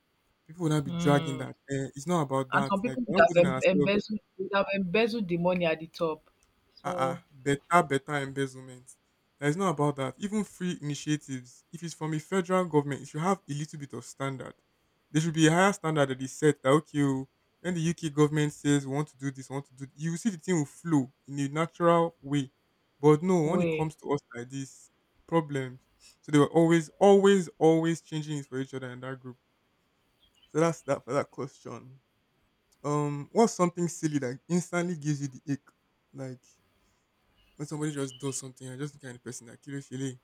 [SPEAKER 1] people will not be dragging
[SPEAKER 2] mm.
[SPEAKER 1] that. It's not about
[SPEAKER 2] And
[SPEAKER 1] that.
[SPEAKER 2] some
[SPEAKER 1] Like,
[SPEAKER 2] people
[SPEAKER 1] we're
[SPEAKER 2] would
[SPEAKER 1] not
[SPEAKER 2] have
[SPEAKER 1] holding ourselves
[SPEAKER 2] embezzled, would have embezzled the money at the top.
[SPEAKER 1] uh-uh,
[SPEAKER 2] So,
[SPEAKER 1] better embezzlement. Now, it's not about that. Even free initiatives, if it's from a federal government, it should have a little bit of standard. There should be a higher standard that is set that, okay, oh, when the UK government says we want to do this, we want to do th-" you will see the thing will flow in a natural way. But no, when it
[SPEAKER 2] wait.
[SPEAKER 1] comes to us like this, problems. So they were always, always, always changing it for each other in that group. So that's that for that question. What's something silly that instantly gives you the ick? Like when somebody just does something, I'm just the kind of person that kilo feeling.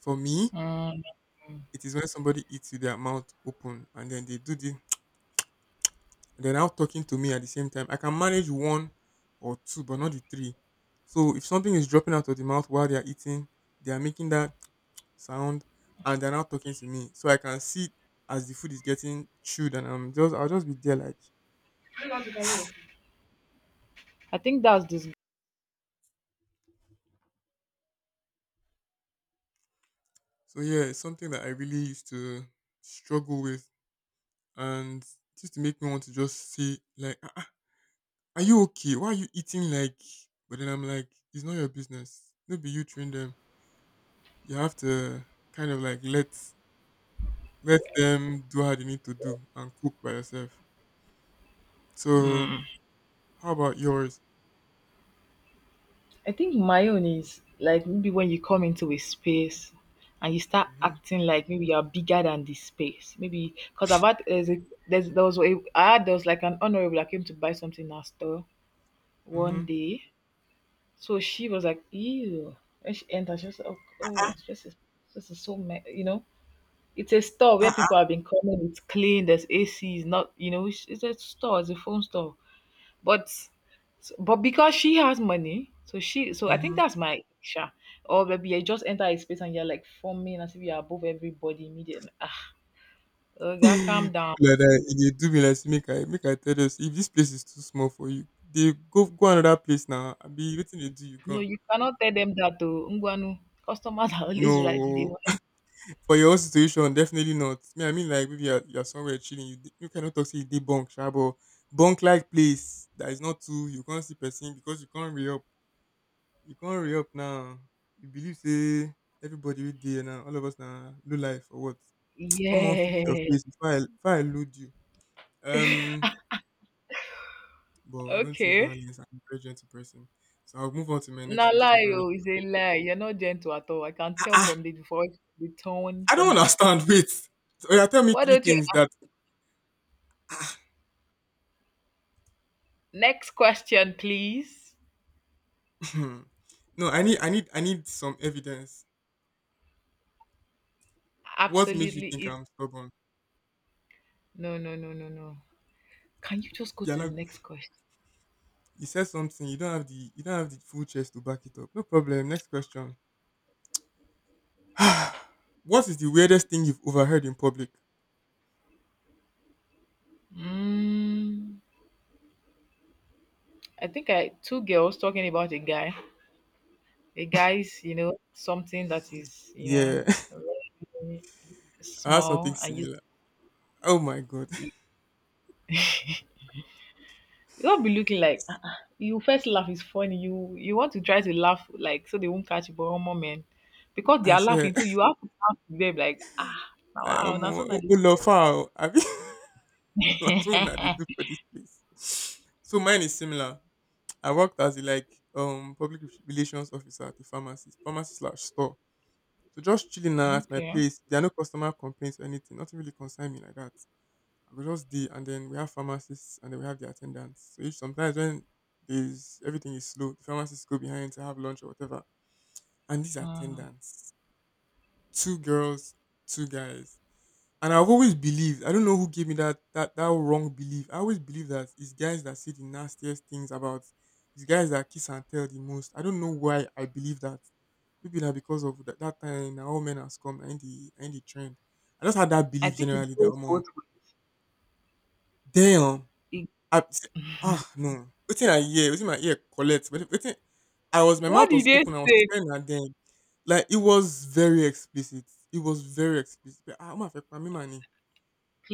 [SPEAKER 1] For me,
[SPEAKER 2] Mm.
[SPEAKER 1] it is when somebody eats with their mouth open and then they do they're now talking to me at the same time. I can manage one or two, but not the three. So if something is dropping out of the mouth while they are eating, they are making that sound and they're now talking to me. So I can see as the food is getting chewed and I'll just be there like.
[SPEAKER 2] I think that's this.
[SPEAKER 1] So yeah, it's something that I really used to struggle with and it used to make me want to just say like Are you okay? Why are you eating like? But then I'm like, it's not your business. No, be you train them. You have to kind of like let them do how they need to do and cook by yourself. So
[SPEAKER 2] Mm.
[SPEAKER 1] how about yours?
[SPEAKER 2] I think my own is like maybe when you come into a space and you start
[SPEAKER 1] Mm-hmm.
[SPEAKER 2] acting like maybe you're bigger than the space. Maybe because I've had there's a, there's there was a, I had there was like an honorable that came to buy something in our store one
[SPEAKER 1] Mm-hmm.
[SPEAKER 2] day. So she was like, ew. When she entered, she was like, oh, oh it's just a, this is so you know. It's a store where
[SPEAKER 1] Uh-uh.
[SPEAKER 2] people have been coming. It's clean. There's ACs. Not you know. It's a store. It's a phone store. But s but because she has money, so she so I
[SPEAKER 1] Mm-hmm.
[SPEAKER 2] think that's my sha. Or maybe you just enter a space and you're like forming as if you're above everybody immediately. Ah, oga, calm down.
[SPEAKER 1] People like that, they do me like say, make I tell you if this place is too small for you, they go go another place now. I be waiting they do you
[SPEAKER 2] No,
[SPEAKER 1] go.
[SPEAKER 2] you cannot tell them that to Ngwanu. Customers are always right. You They
[SPEAKER 1] No.
[SPEAKER 2] want,
[SPEAKER 1] For your own situation, definitely not. Me, I mean like maybe you're somewhere chilling. You cannot talk say you dey bunk, sha, but bunk like place that is not too you can't see person because you can't re up. You can't re up now. You believe say everybody with there now, all of us now low life or what? Come on, fix your
[SPEAKER 2] yeah.
[SPEAKER 1] face before I load you. Um, but I don't choose
[SPEAKER 2] Okay.
[SPEAKER 1] violence. I'm a very gentle person, so I'll move on to my next
[SPEAKER 2] Na
[SPEAKER 1] question.
[SPEAKER 2] lie,
[SPEAKER 1] Very.
[SPEAKER 2] oh, it's a lie. You're not gentle at all. I can
[SPEAKER 1] Ah,
[SPEAKER 2] tell
[SPEAKER 1] ah,
[SPEAKER 2] from the voice, the tone,
[SPEAKER 1] I
[SPEAKER 2] from
[SPEAKER 1] don't
[SPEAKER 2] the.
[SPEAKER 1] understand. Wait. So, yeah, tell me
[SPEAKER 2] Why
[SPEAKER 1] three
[SPEAKER 2] don't you?
[SPEAKER 1] things that ah,
[SPEAKER 2] Next question, please.
[SPEAKER 1] Hmm. No, I need some evidence. What makes you
[SPEAKER 2] Absolutely.
[SPEAKER 1] think
[SPEAKER 2] It.
[SPEAKER 1] I'm stubborn?
[SPEAKER 2] No, no, no, no, no. Can you just go
[SPEAKER 1] You're
[SPEAKER 2] to the
[SPEAKER 1] not.
[SPEAKER 2] next question?
[SPEAKER 1] You said something. You don't have the full chest to back it up. No problem. Next question. What is the weirdest thing you've overheard in public?
[SPEAKER 2] Mm, I think I two girls talking about a guy. A guy's, you know, something that is, you know,
[SPEAKER 1] Yeah,
[SPEAKER 2] very
[SPEAKER 1] I have something
[SPEAKER 2] small and you
[SPEAKER 1] similar. Oh my god!
[SPEAKER 2] you don't be looking like "Ah, ah." You first laugh is funny. You want to try to laugh like so they won't catch you, but one moment because they
[SPEAKER 1] I
[SPEAKER 2] are
[SPEAKER 1] swear,
[SPEAKER 2] laughing too, you have to laugh with them like ah now
[SPEAKER 1] like
[SPEAKER 2] wow
[SPEAKER 1] I'm
[SPEAKER 2] now so
[SPEAKER 1] on
[SPEAKER 2] now they
[SPEAKER 1] Olofa. Have you? That's what they do for this place. So mine is similar. I worked as a like public relations officer at the pharmacy slash store. So just chilling now at my
[SPEAKER 2] okay.
[SPEAKER 1] place. There are no customer complaints or anything. Nothing really concern me like that. I go just dey and then we have pharmacists and then we have the attendants. So if sometimes when there's everything is slow, the pharmacists go behind to have lunch or whatever. And these
[SPEAKER 2] Mm.
[SPEAKER 1] attendants, two girls, two guys. And I've always believed, I don't know who gave me that wrong belief. I always believe that it's guys that say the nastiest things about. It's guys that kiss and tell the most. I don't know why I believe that. Maybe na because of that, that time na all men has come in the trend. I just had that
[SPEAKER 2] I
[SPEAKER 1] belief
[SPEAKER 2] think it
[SPEAKER 1] generally that
[SPEAKER 2] goes both
[SPEAKER 1] omo
[SPEAKER 2] ways.
[SPEAKER 1] damn.
[SPEAKER 2] It,
[SPEAKER 1] I, ah no wetin I hear wetin my ear collect but wetin I was my
[SPEAKER 2] what
[SPEAKER 1] mouth
[SPEAKER 2] did
[SPEAKER 1] was
[SPEAKER 2] they
[SPEAKER 1] open I was
[SPEAKER 2] say?
[SPEAKER 1] staring at them like it was very explicit it was very explicit but ah omo afẹ pa mí mà ni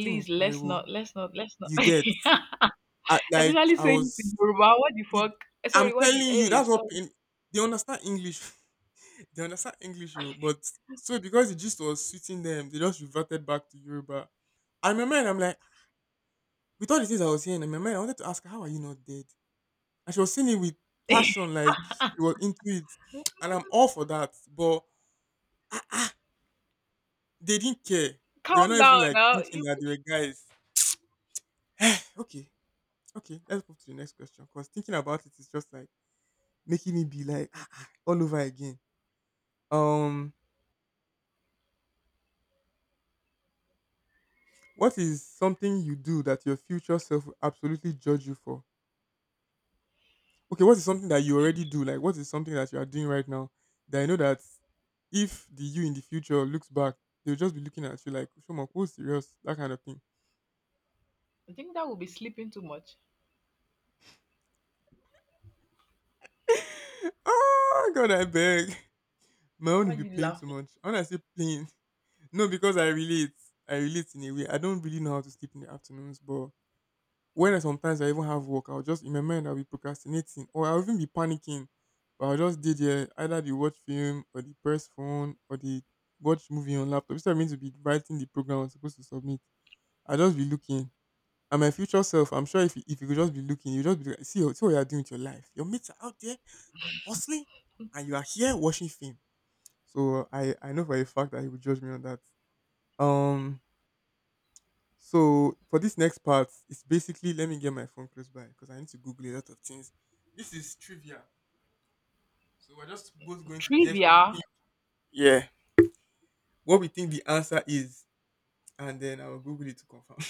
[SPEAKER 1] tí mò ń
[SPEAKER 2] let's
[SPEAKER 1] pariwo.
[SPEAKER 2] not let's not let's not
[SPEAKER 1] You get I, like
[SPEAKER 2] Especially
[SPEAKER 1] I
[SPEAKER 2] saying it
[SPEAKER 1] was
[SPEAKER 2] in Yoruba. What the
[SPEAKER 1] you.
[SPEAKER 2] fuck? Eh,
[SPEAKER 1] I'm
[SPEAKER 2] sorry, what the
[SPEAKER 1] telling you,
[SPEAKER 2] hey,
[SPEAKER 1] that's what
[SPEAKER 2] sorry.
[SPEAKER 1] pain. They understand English. They understand English, oh, but so because the gist was suiting them, they just reverted back to Yoruba. And in my mind, I'm like, with all the things I was hearing, in my mind, I wanted to ask her, how are you not dead? And she was saying it with passion, like she was into it, and I'm all for that. But ah, they didn't care. They were
[SPEAKER 2] Calm
[SPEAKER 1] not even
[SPEAKER 2] down
[SPEAKER 1] like
[SPEAKER 2] now.
[SPEAKER 1] thinking
[SPEAKER 2] You-
[SPEAKER 1] that they were guys. Okay, okay, let's move to the next question because thinking about it is just like making it be like "Ah, ah," all over again. Um, what is something you do that your future self will absolutely judge you for? Okay, what is something that you already do? Like, what is something that you are doing right now that I know that if the you in the future looks back, they'll just be looking at you like, Shomok, who's serious? That kind of thing.
[SPEAKER 2] I think that would be sleeping too much.
[SPEAKER 1] Oh, God, I beg. My own
[SPEAKER 2] Why are
[SPEAKER 1] will be
[SPEAKER 2] you
[SPEAKER 1] playing too
[SPEAKER 2] laughing?
[SPEAKER 1] much. When I say playing, no, because I relate. I relate in a way. I don't really know how to sleep in the afternoons, but when I sometimes I even have work, I'll just in my mind I'll be procrastinating or I'll even be panicking. But I'll just did there either the watch film or the press phone or the watch movie on laptop. Instead of me to be writing the program I'm supposed to submit, I'll just be looking. And my future self, I'm sure if you, if you, could just be looking, you just be like, see, see what you're doing with your life. Your mates are out there hustling and you are here watching film. So I know for a fact that he would judge me on that. Um so for this next part, it's basically let me get my phone close by because I need to Google a lot of things. This is trivia, so we're just both going to guess what we think.
[SPEAKER 2] Trivia.
[SPEAKER 1] Yeah, what we think the answer is, and then I will Google it to confirm.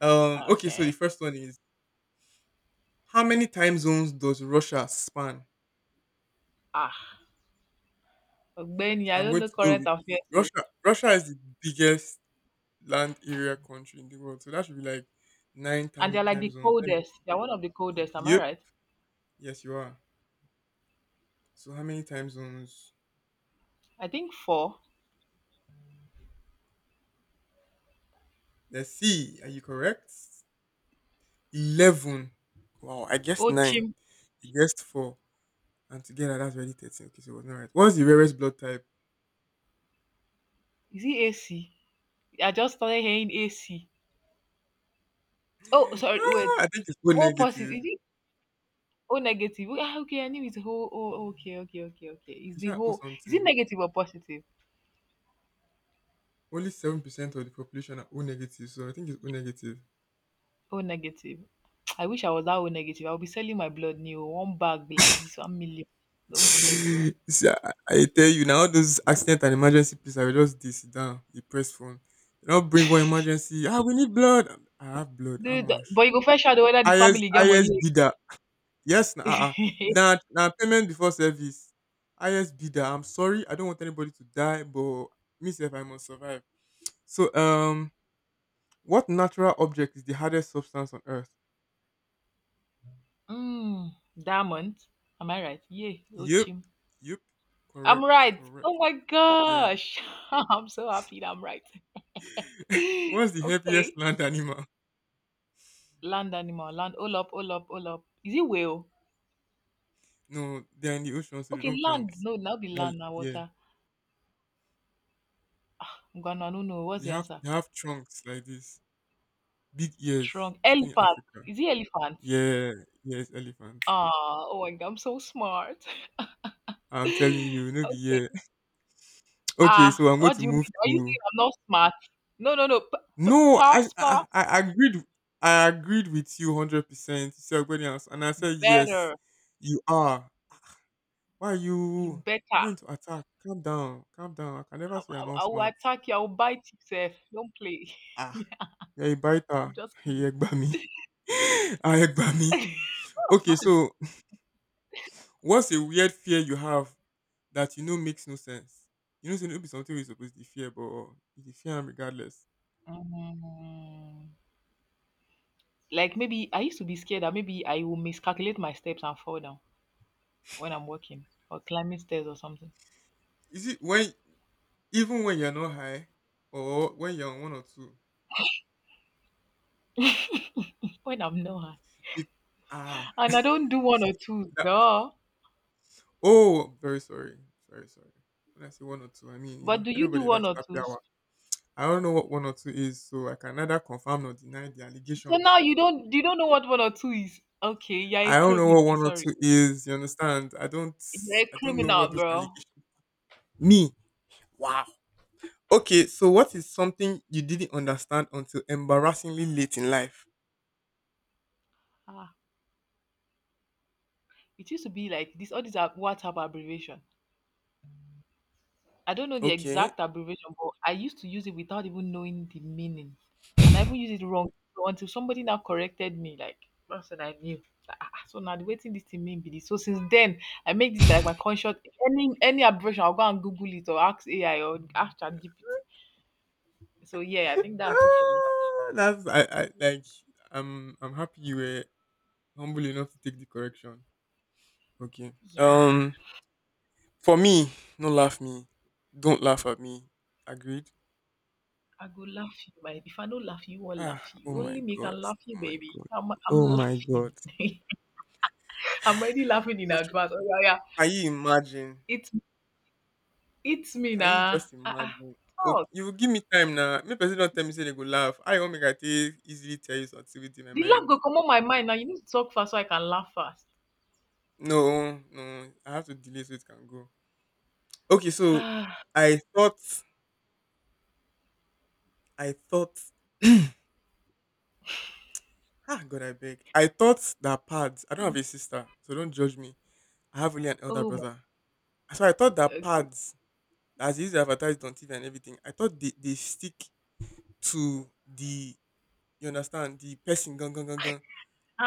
[SPEAKER 1] Okay. So the
[SPEAKER 2] Okay.
[SPEAKER 1] first one is how many time zones does Russia span?
[SPEAKER 2] Ah. Ogbeni, I
[SPEAKER 1] I'm
[SPEAKER 2] don't
[SPEAKER 1] going
[SPEAKER 2] know
[SPEAKER 1] to go
[SPEAKER 2] current
[SPEAKER 1] with
[SPEAKER 2] affairs. O.
[SPEAKER 1] Russia. Russia is the biggest land area country in the world, so that should be like nine
[SPEAKER 2] And
[SPEAKER 1] time
[SPEAKER 2] they're like
[SPEAKER 1] time
[SPEAKER 2] the
[SPEAKER 1] zones. Let me-
[SPEAKER 2] coldest. They're one of the coldest, am I
[SPEAKER 1] Yep.
[SPEAKER 2] right?
[SPEAKER 1] Yes, you are. So how many time zones?
[SPEAKER 2] I think four.
[SPEAKER 1] Let's see. Are you correct? 11. Wow, I guessed
[SPEAKER 2] Oh
[SPEAKER 1] 9.
[SPEAKER 2] chim.
[SPEAKER 1] You guessed 4. And together, that's already 13. Okay, so it was not right. What's the rarest blood type?
[SPEAKER 2] Is he AC? I just started hearing AC. Oh, sorry, wait.
[SPEAKER 1] I think it's O
[SPEAKER 2] Oh positive.
[SPEAKER 1] negative.
[SPEAKER 2] Is it oh negative? Ah, okay, I knew it's whole oh okay, okay, okay, okay. Is
[SPEAKER 1] You
[SPEAKER 2] the
[SPEAKER 1] should O
[SPEAKER 2] whole is it
[SPEAKER 1] something.
[SPEAKER 2] negative or positive?
[SPEAKER 1] Only 7% of the population are O negative, so I think it's O negative.
[SPEAKER 2] O negative. I wish I was that O negative. I'll be selling my blood new. One bag be like this, 1 million. Don't play, bro.
[SPEAKER 1] See, I tell you, now all those accident and emergency please, I will just this down, the press phone. They don't bring one emergency. We need blood. I have blood. How
[SPEAKER 2] Dude,
[SPEAKER 1] much?
[SPEAKER 2] but you go first shadow whether the
[SPEAKER 1] IS,
[SPEAKER 2] family get
[SPEAKER 1] IS
[SPEAKER 2] money.
[SPEAKER 1] Yes, na uh-uh. na payment before service. Highest bidder. I'm sorry, I don't want anybody to die, but me sef I must survive. So what natural object is the hardest substance on earth?
[SPEAKER 2] Mm, diamond. Am I right? Yeah,
[SPEAKER 1] Yep,
[SPEAKER 2] Ochim.
[SPEAKER 1] yep,
[SPEAKER 2] I'm
[SPEAKER 1] correct,
[SPEAKER 2] right. Oh
[SPEAKER 1] correct.
[SPEAKER 2] my
[SPEAKER 1] Yeah.
[SPEAKER 2] gosh. I'm so happy that I'm right.
[SPEAKER 1] What's the heaviest
[SPEAKER 2] Okay.
[SPEAKER 1] land animal?
[SPEAKER 2] Land animal. Land. All up. Is it whale?
[SPEAKER 1] No, they're in the ocean, so they
[SPEAKER 2] Okay,
[SPEAKER 1] don't
[SPEAKER 2] land.
[SPEAKER 1] count.
[SPEAKER 2] No, now be
[SPEAKER 1] Well,
[SPEAKER 2] land, now
[SPEAKER 1] yeah,
[SPEAKER 2] water. I'm gonna no, no. What's
[SPEAKER 1] they
[SPEAKER 2] the
[SPEAKER 1] have
[SPEAKER 2] answer?
[SPEAKER 1] they have trunks like this, big ears.
[SPEAKER 2] Trunk.
[SPEAKER 1] Stay in
[SPEAKER 2] Elephant.
[SPEAKER 1] Africa.
[SPEAKER 2] Is it elephant?
[SPEAKER 1] Yeah, yes, elephants.
[SPEAKER 2] Aw, oh my god, I'm so smart.
[SPEAKER 1] I'm telling you, no be
[SPEAKER 2] Okay.
[SPEAKER 1] yeah. Okay,
[SPEAKER 2] Ah,
[SPEAKER 1] so I'm going
[SPEAKER 2] what
[SPEAKER 1] to
[SPEAKER 2] do you
[SPEAKER 1] move
[SPEAKER 2] mean? Are you
[SPEAKER 1] to
[SPEAKER 2] saying I'm not smart? No, no, no. P p
[SPEAKER 1] no. I
[SPEAKER 2] pass,
[SPEAKER 1] I,
[SPEAKER 2] pass
[SPEAKER 1] I agreed. I agreed with you 100%. You said everybody else, and I said yes.
[SPEAKER 2] better.
[SPEAKER 1] You are. Why are
[SPEAKER 2] You
[SPEAKER 1] you
[SPEAKER 2] better.
[SPEAKER 1] you to attack? Calm down. Calm down. I can never
[SPEAKER 2] I,
[SPEAKER 1] say you're
[SPEAKER 2] I,
[SPEAKER 1] not
[SPEAKER 2] I will
[SPEAKER 1] smart.
[SPEAKER 2] attack you. I will bite you, Seth. Don't play.
[SPEAKER 1] Ah, you're a
[SPEAKER 2] I'm
[SPEAKER 1] biter.
[SPEAKER 2] just
[SPEAKER 1] He
[SPEAKER 2] kidding.
[SPEAKER 1] egba me. I egba me. Okay, so what's a weird fear you have that you know makes no sense? You know, say no be something we're supposed to fear, but you dey fear am regardless.
[SPEAKER 2] Mm. Like maybe I used to be scared that maybe I will miscalculate my steps and fall down when I'm walking or climbing stairs or something.
[SPEAKER 1] Is it when Even when you're not high or when you're on one or two.
[SPEAKER 2] When I'm not.
[SPEAKER 1] Be- ah,
[SPEAKER 2] And I don't do one or two,
[SPEAKER 1] that,
[SPEAKER 2] duh.
[SPEAKER 1] oh, very sorry. Very sorry. When I say one or two, I mean,
[SPEAKER 2] But do you do
[SPEAKER 1] everybody
[SPEAKER 2] one
[SPEAKER 1] likes
[SPEAKER 2] or
[SPEAKER 1] happy
[SPEAKER 2] two?
[SPEAKER 1] hour. I don't know what one or two is, so I can neither confirm nor deny the
[SPEAKER 2] So now
[SPEAKER 1] allegations.
[SPEAKER 2] you don't know what one or two is. Okay, you're a
[SPEAKER 1] I don't know what
[SPEAKER 2] criminal.
[SPEAKER 1] one or
[SPEAKER 2] Sorry,
[SPEAKER 1] two is, you understand? I don't
[SPEAKER 2] you're a
[SPEAKER 1] I don't know what
[SPEAKER 2] criminal,
[SPEAKER 1] those
[SPEAKER 2] bro.
[SPEAKER 1] allegations. Me. Wow. Okay, so what is something you didn't understand until embarrassingly late in life?
[SPEAKER 2] Ah, it used to be like this. All these are WhatsApp abbreviation. I don't know the
[SPEAKER 1] Okay.
[SPEAKER 2] exact abbreviation, but I used to use it without even knowing the meaning, and I even used it wrong. So until somebody now corrected me. Like that's when I knew. So now the waiting this thing mean be this. So since then, I make this like my conscious any abbreviation. I'll go and Google it or ask AI or ask ChatGPT. So yeah, I think that's it for me.
[SPEAKER 1] Ah, that's I like I'm happy you were humble enough to take the correction. Okay.
[SPEAKER 2] Yeah.
[SPEAKER 1] For me, no laugh me. Don't laugh at me. Agreed.
[SPEAKER 2] I go laugh you, baby. If I don't laugh you, won't
[SPEAKER 1] Ah,
[SPEAKER 2] laugh
[SPEAKER 1] oh
[SPEAKER 2] you.
[SPEAKER 1] my
[SPEAKER 2] Only me
[SPEAKER 1] god.
[SPEAKER 2] can laugh you,
[SPEAKER 1] Oh my
[SPEAKER 2] baby.
[SPEAKER 1] god.
[SPEAKER 2] I'm
[SPEAKER 1] Oh my
[SPEAKER 2] laughing.
[SPEAKER 1] god.
[SPEAKER 2] I'm already laughing in
[SPEAKER 1] What should-
[SPEAKER 2] advance. Oh yeah, yeah.
[SPEAKER 1] Can you imagine?
[SPEAKER 2] It's it's me
[SPEAKER 1] Can you
[SPEAKER 2] now.
[SPEAKER 1] just
[SPEAKER 2] Ah, ah.
[SPEAKER 1] imagine? Okay,
[SPEAKER 2] Talk.
[SPEAKER 1] you will give me time now. Me person don't tell me say they go laugh. I won't make I take easily tell you something within my
[SPEAKER 2] The laugh
[SPEAKER 1] mind.
[SPEAKER 2] go come on my mind now. You need to talk fast so I can laugh fast.
[SPEAKER 1] No, no. I have to delay so it can go. Okay, so I thought I thought ah, God, I beg. I thought that pads. I don't
[SPEAKER 2] Ah,
[SPEAKER 1] have a sister, so don't judge me. I have only an elder
[SPEAKER 2] oh my.
[SPEAKER 1] brother. So I thought that
[SPEAKER 2] Okay.
[SPEAKER 1] pads, as used to advertised on TV and everything, I thought they stick to the, you understand, the person, gun, gun, gun, gun.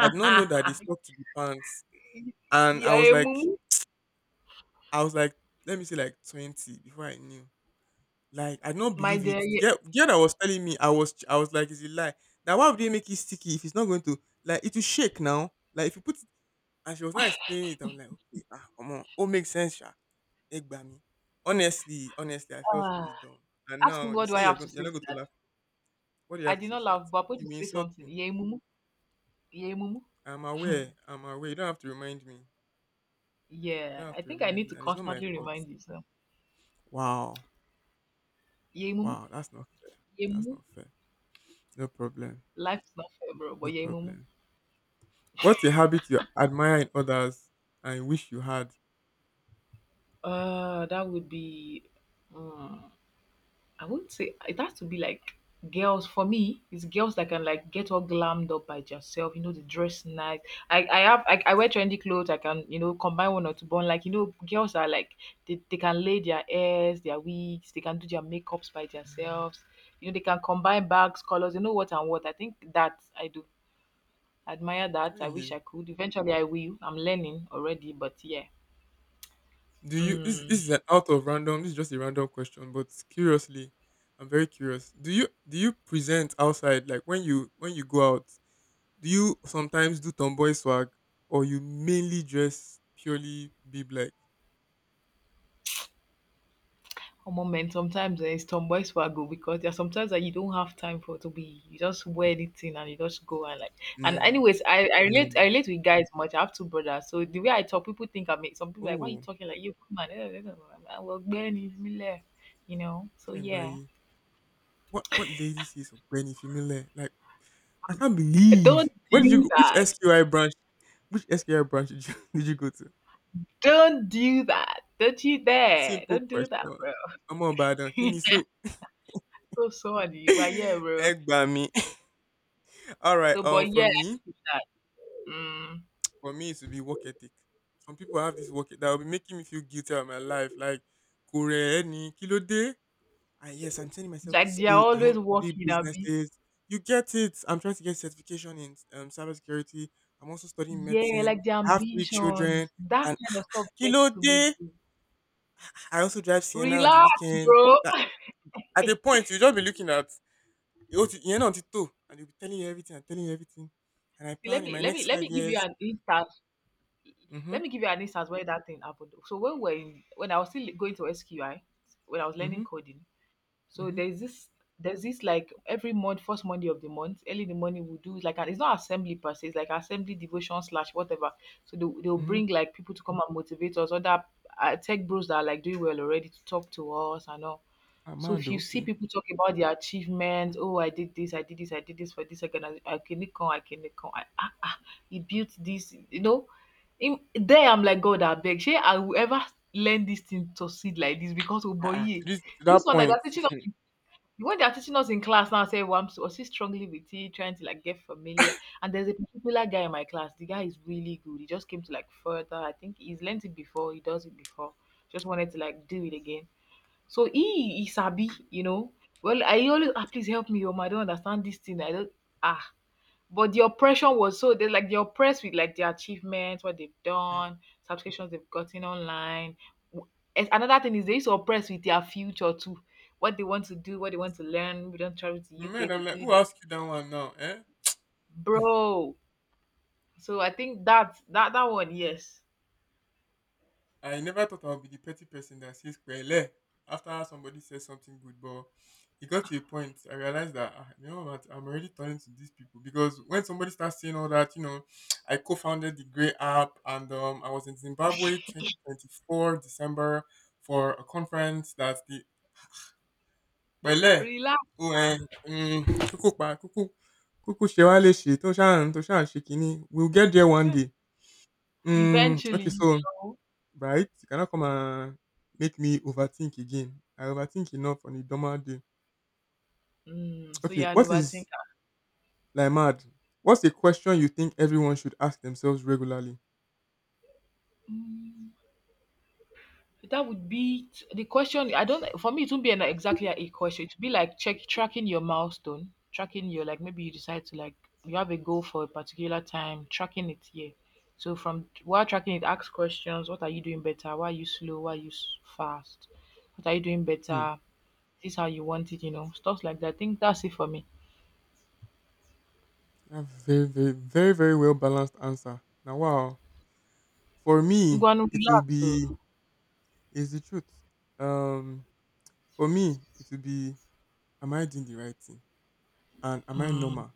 [SPEAKER 1] I did not know that they stuck to the pants. And
[SPEAKER 2] Yeah, eh, mumu.
[SPEAKER 1] I was like, let me say like 20 before I knew. Like, I did not
[SPEAKER 2] My
[SPEAKER 1] believe
[SPEAKER 2] dear.
[SPEAKER 1] it. The
[SPEAKER 2] Yeah.
[SPEAKER 1] girl, the girl that was telling me, I was like, is it lie? Now, why would they make it sticky if it's not going to, like, it will shake now? Like, if you put it. And she was not explaining it. I'm like, okay, ah, come on, oh, makes sense, sha. Egba me. Honestly, honestly, I felt
[SPEAKER 2] Ah.
[SPEAKER 1] really dumb. And
[SPEAKER 2] Ask me
[SPEAKER 1] now you
[SPEAKER 2] what do
[SPEAKER 1] say
[SPEAKER 2] I
[SPEAKER 1] you're
[SPEAKER 2] have to
[SPEAKER 1] going,
[SPEAKER 2] say
[SPEAKER 1] you're not
[SPEAKER 2] to
[SPEAKER 1] going to
[SPEAKER 2] that.
[SPEAKER 1] laugh. What do you
[SPEAKER 2] I
[SPEAKER 1] have to
[SPEAKER 2] did
[SPEAKER 1] say
[SPEAKER 2] not
[SPEAKER 1] to that?
[SPEAKER 2] laugh, but I'm going
[SPEAKER 1] You
[SPEAKER 2] to say
[SPEAKER 1] insult
[SPEAKER 2] something.
[SPEAKER 1] me.
[SPEAKER 2] Yeah, mumu. Yeah, mumu.
[SPEAKER 1] I'm aware. I'm aware. You don't have to remind me. You
[SPEAKER 2] Yeah.
[SPEAKER 1] don't have
[SPEAKER 2] I
[SPEAKER 1] to
[SPEAKER 2] think I
[SPEAKER 1] remind
[SPEAKER 2] need
[SPEAKER 1] me.
[SPEAKER 2] to
[SPEAKER 1] And it's not my
[SPEAKER 2] constantly
[SPEAKER 1] fault.
[SPEAKER 2] remind you. So.
[SPEAKER 1] Wow,
[SPEAKER 2] Yeah, mumu.
[SPEAKER 1] wow, that's not fair. That's
[SPEAKER 2] Yemu.
[SPEAKER 1] not fair. No problem.
[SPEAKER 2] Life's not fair, bro.
[SPEAKER 1] No
[SPEAKER 2] But Yemu.
[SPEAKER 1] problem. What's a habit you admire in others and wish you had?
[SPEAKER 2] That would be. Mm, I wouldn't say it has to be like girls. For me, it's girls that can like get all glammed up by yourself. You know, they dress nice. I wear trendy clothes. I can you know combine one or two. But like you know, girls are like they can lay their hairs, their wigs. They can do their makeups by themselves. You know, they can combine bags, colors. You know what and what. I think that I do admire that. I wish
[SPEAKER 1] Really?
[SPEAKER 2] I could. Eventually, I will. I'm learning already, but yeah.
[SPEAKER 1] Do you this
[SPEAKER 2] Mm.
[SPEAKER 1] this is an out of random, this is just a random question, but curiously, I'm very curious. Do you present outside, like when you go out, do you sometimes do tomboy swag, or you mainly just purely bib like.
[SPEAKER 2] Omo man, sometimes eh, it's tomboy swaggle because there are sometimes that you don't have time for to be you just wear anything and you just go and like and
[SPEAKER 1] No.
[SPEAKER 2] anyways I relate I
[SPEAKER 1] Normal.
[SPEAKER 2] relate with guys much. I have two brothers. So the way I talk, people think I'm some people are like, why you
[SPEAKER 1] Oh,
[SPEAKER 2] talking like you come on? Eh, eh, eh, eh, I will burn you, me left, you know. So yeah.
[SPEAKER 1] Chengbayi. What lady says of Benny Fimile? Like, I can't believe.
[SPEAKER 2] Don't
[SPEAKER 1] Where did you
[SPEAKER 2] do
[SPEAKER 1] go? Which
[SPEAKER 2] that.
[SPEAKER 1] SQI branch? Which SQI branch did you did you go to?
[SPEAKER 2] Don't do that. Don't you dare.
[SPEAKER 1] Simple
[SPEAKER 2] Don't do that,
[SPEAKER 1] question.
[SPEAKER 2] bro.
[SPEAKER 1] I'm on bad. Kini so.
[SPEAKER 2] So sorry. You yeah, bro.
[SPEAKER 1] Egg me. All right.
[SPEAKER 2] So
[SPEAKER 1] Um,
[SPEAKER 2] but
[SPEAKER 1] for
[SPEAKER 2] yeah, I
[SPEAKER 1] me,
[SPEAKER 2] think it's that. Mm.
[SPEAKER 1] for me, it would be work ethic. Some people have this work ethic that will be making me feel guilty about my life. Like, kore ni kilo de. And yes, I'm sending myself to
[SPEAKER 2] Like they are
[SPEAKER 1] school. I own
[SPEAKER 2] always
[SPEAKER 1] three
[SPEAKER 2] walking, Abi.
[SPEAKER 1] businesses. You get it. I'm trying to get certification in cybersecurity. I'm also studying
[SPEAKER 2] Yeah,
[SPEAKER 1] medicine.
[SPEAKER 2] like the
[SPEAKER 1] I have three children.
[SPEAKER 2] ambitions, that
[SPEAKER 1] And
[SPEAKER 2] kind of stuff gets
[SPEAKER 1] kilo
[SPEAKER 2] to me
[SPEAKER 1] de.
[SPEAKER 2] too.
[SPEAKER 1] I also drive Sienna on the
[SPEAKER 2] Relax,
[SPEAKER 1] weekend.
[SPEAKER 2] bro.
[SPEAKER 1] That at a
[SPEAKER 2] Eh,
[SPEAKER 1] point you just be looking at, you know, and they'll be telling you everything and telling you everything. And I
[SPEAKER 2] see, let
[SPEAKER 1] plan in
[SPEAKER 2] me
[SPEAKER 1] my
[SPEAKER 2] let me
[SPEAKER 1] next
[SPEAKER 2] let
[SPEAKER 1] five
[SPEAKER 2] me give you
[SPEAKER 1] years.
[SPEAKER 2] an instance.
[SPEAKER 1] Mm-hmm.
[SPEAKER 2] Let me give you an instance where that thing happened. So when I was still going to SQI, when I was learning
[SPEAKER 1] Mm-hmm.
[SPEAKER 2] coding, so
[SPEAKER 1] Mm-hmm.
[SPEAKER 2] there's this like every month, 1st Monday of the month, early in the morning we do like an, it's not assembly per se, it's like assembly devotion slash whatever. So they'll
[SPEAKER 1] Mm-hmm.
[SPEAKER 2] bring like people to come and motivate us, other tech bros that are like doing well already to talk to us and all.
[SPEAKER 1] I'm
[SPEAKER 2] So
[SPEAKER 1] mad
[SPEAKER 2] if
[SPEAKER 1] though,
[SPEAKER 2] you see
[SPEAKER 1] okay.
[SPEAKER 2] people talk about their achievements, oh, I did this for this organization, I can come, I ah, he built this, you know. In, there I'm like God, I beg. Shey I will ever learn this thing to succeed like this because oh boy,
[SPEAKER 1] Uh-uh.
[SPEAKER 2] yeah.
[SPEAKER 1] To, this, to
[SPEAKER 2] This
[SPEAKER 1] that
[SPEAKER 2] one that
[SPEAKER 1] point.
[SPEAKER 2] they're teaching us in, when they're teaching us in class now, I say, well, I'm so still struggling with it, trying to like get familiar. And there's a particular guy in my class. The guy is really good. He just came to like further. I think he's learned it before. He does it before. Just wanted to like do it again. So he sabi. Well, I always please help me, I don't understand this thing. I don't ah. But the oppression was so they like they're oppressed with like their achievements, what they've
[SPEAKER 1] Mm.
[SPEAKER 2] done, subscriptions they've gotten online. W- and another thing is they used to oppress with their future too, what they want to do, what they want to learn. We don't travel to
[SPEAKER 1] In my
[SPEAKER 2] UK
[SPEAKER 1] mind,
[SPEAKER 2] to
[SPEAKER 1] I'm like,
[SPEAKER 2] do
[SPEAKER 1] who
[SPEAKER 2] this,
[SPEAKER 1] asked you that one now? Eh?
[SPEAKER 2] bro. So I think that one, yes,
[SPEAKER 1] I never thought I would be the petty person that says kwele after somebody says something good, but it got to a point I realized that, ah, you know what, I'm already turning to these people, because when somebody starts saying all that, you know, I co-founded the Grey app, and I was in Zimbabwe 2024 December for a conference that the pẹ̀lẹ́
[SPEAKER 2] relax.
[SPEAKER 1] o
[SPEAKER 2] ah.
[SPEAKER 1] um kúkú pa kúkú kúkú ṣe wá léṣe tó ń ṣe kinní, we'll get there one day. Okay,
[SPEAKER 2] Eventually,
[SPEAKER 1] so
[SPEAKER 2] you know.
[SPEAKER 1] right, you cannot come and make me overthink again. I overthink enough on a normal day.
[SPEAKER 2] Mm, so
[SPEAKER 1] Okay,
[SPEAKER 2] you're an
[SPEAKER 1] what is
[SPEAKER 2] overthinker.
[SPEAKER 1] like mad, what's a question you think everyone should ask themselves regularly?
[SPEAKER 2] Mm. That would be the question. I don't, for me it would not be an exactly a question. It'd be like check tracking your milestone, tracking your like maybe you decide to like you have a goal for a particular time, tracking it here. So from while tracking it, ask questions. What are you doing better? Why are you slow? Why are you fast? What are you doing
[SPEAKER 1] Hmm.
[SPEAKER 2] better? This how you want it, stuff like that. I think that's it for me.
[SPEAKER 1] That's very very very very well balanced answer. Now, wow, for me
[SPEAKER 2] Ngwanu,
[SPEAKER 1] it will
[SPEAKER 2] relax. Oh.
[SPEAKER 1] be, is the truth. um for me it will be, am I doing the right thing? And am I
[SPEAKER 2] Mm.
[SPEAKER 1] normal?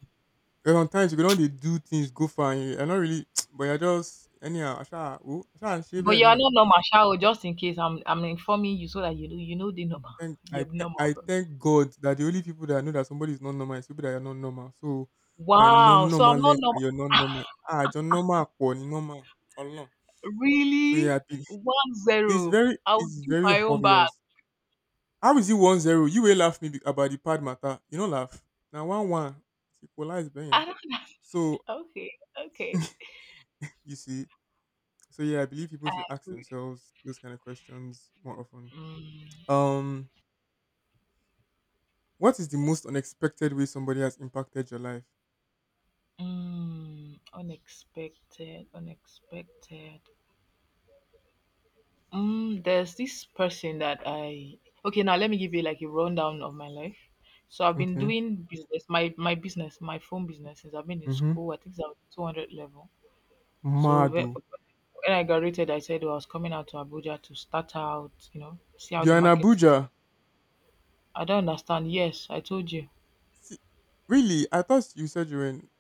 [SPEAKER 1] Because sometimes you can only do things go far and you're not really, but you're just, anyhow, Asha, oh, Asha, shave
[SPEAKER 2] But
[SPEAKER 1] it
[SPEAKER 2] you are
[SPEAKER 1] on.
[SPEAKER 2] not normal, Shao. Just in case, I'm informing you so that you know the number.
[SPEAKER 1] Thank, I,
[SPEAKER 2] You're
[SPEAKER 1] th-
[SPEAKER 2] normal,
[SPEAKER 1] I
[SPEAKER 2] bro.
[SPEAKER 1] thank God that the only people that know that somebody is not normal is people that are not normal. So, my non
[SPEAKER 2] Wow. So
[SPEAKER 1] normal
[SPEAKER 2] I'm not
[SPEAKER 1] normalness and
[SPEAKER 2] normal.
[SPEAKER 1] your non normal. Ah, your normal, poor, normal. Allah. So, yeah, I
[SPEAKER 2] Really?
[SPEAKER 1] think
[SPEAKER 2] One zero. I'll
[SPEAKER 1] it's
[SPEAKER 2] do
[SPEAKER 1] very
[SPEAKER 2] my own back.
[SPEAKER 1] obvious. How is it 1-0? You will laugh me be- About the pad matter, you don't laugh. Now, 1-1. It's equalized,
[SPEAKER 2] I
[SPEAKER 1] Ben.
[SPEAKER 2] don't know.
[SPEAKER 1] So,
[SPEAKER 2] Okay, okay.
[SPEAKER 1] you see. So yeah, I believe people should ask
[SPEAKER 2] Good.
[SPEAKER 1] themselves those kind of questions more often.
[SPEAKER 2] Mm,
[SPEAKER 1] Um, what is the most unexpected way somebody has impacted your life?
[SPEAKER 2] unexpected, unexpected. There's this person that I. Okay, now let me give you like a rundown of my life. So I've been
[SPEAKER 1] Okay.
[SPEAKER 2] doing business, my business, my phone business since I've been in
[SPEAKER 1] Mm-hmm.
[SPEAKER 2] school. I think it's at 200 level. So
[SPEAKER 1] Mado.
[SPEAKER 2] when I graduated, I said I was coming out to Abuja to start out, see how the
[SPEAKER 1] You're in
[SPEAKER 2] market is.
[SPEAKER 1] Abuja.
[SPEAKER 2] I don't understand. Yes, I told you.
[SPEAKER 1] See, really? I thought you said you were in.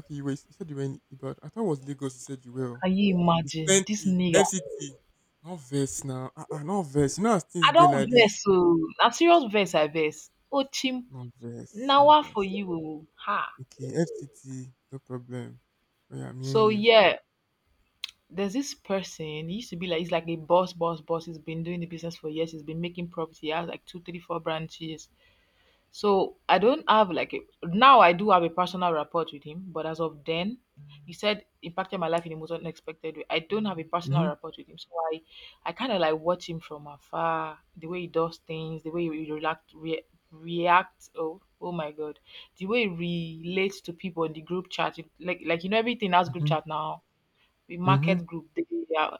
[SPEAKER 1] Okay, you were. You said you were in Ibadan. I thought it was Lagos. You said you were.
[SPEAKER 2] Can you
[SPEAKER 1] It's
[SPEAKER 2] imagine this
[SPEAKER 1] plenty.
[SPEAKER 2] nigga?
[SPEAKER 1] FCT. Not verse now. Ah, not verse. You know as things
[SPEAKER 2] I
[SPEAKER 1] day
[SPEAKER 2] don't
[SPEAKER 1] like this.
[SPEAKER 2] vex oh. Na serious vex I vex. Oh chim,
[SPEAKER 1] Not verse. Not
[SPEAKER 2] nawa for
[SPEAKER 1] verse.
[SPEAKER 2] you oh. Ha.
[SPEAKER 1] Okay. FCT. No problem. Oh yeah, I'm hearing
[SPEAKER 2] So
[SPEAKER 1] you.
[SPEAKER 2] yeah, there's this person. He used to be like he's like a boss, boss, boss. He's been doing the business for years. He's been making profits. He has like two, three, four branches. So I don't have like a, now I do have a personal rapport with him, but as of then, he said impacted my life in the most unexpected way. I don't have a personal
[SPEAKER 1] Mm-hmm.
[SPEAKER 2] rapport with him, so I kind of like watch him from afar, the way he does things, the way he react, react. Oh, oh my God, the way he relates to people in the group chat, like you know everything has group
[SPEAKER 1] Mm-hmm.
[SPEAKER 2] chat now, the
[SPEAKER 1] Mm-hmm.
[SPEAKER 2] market group, they,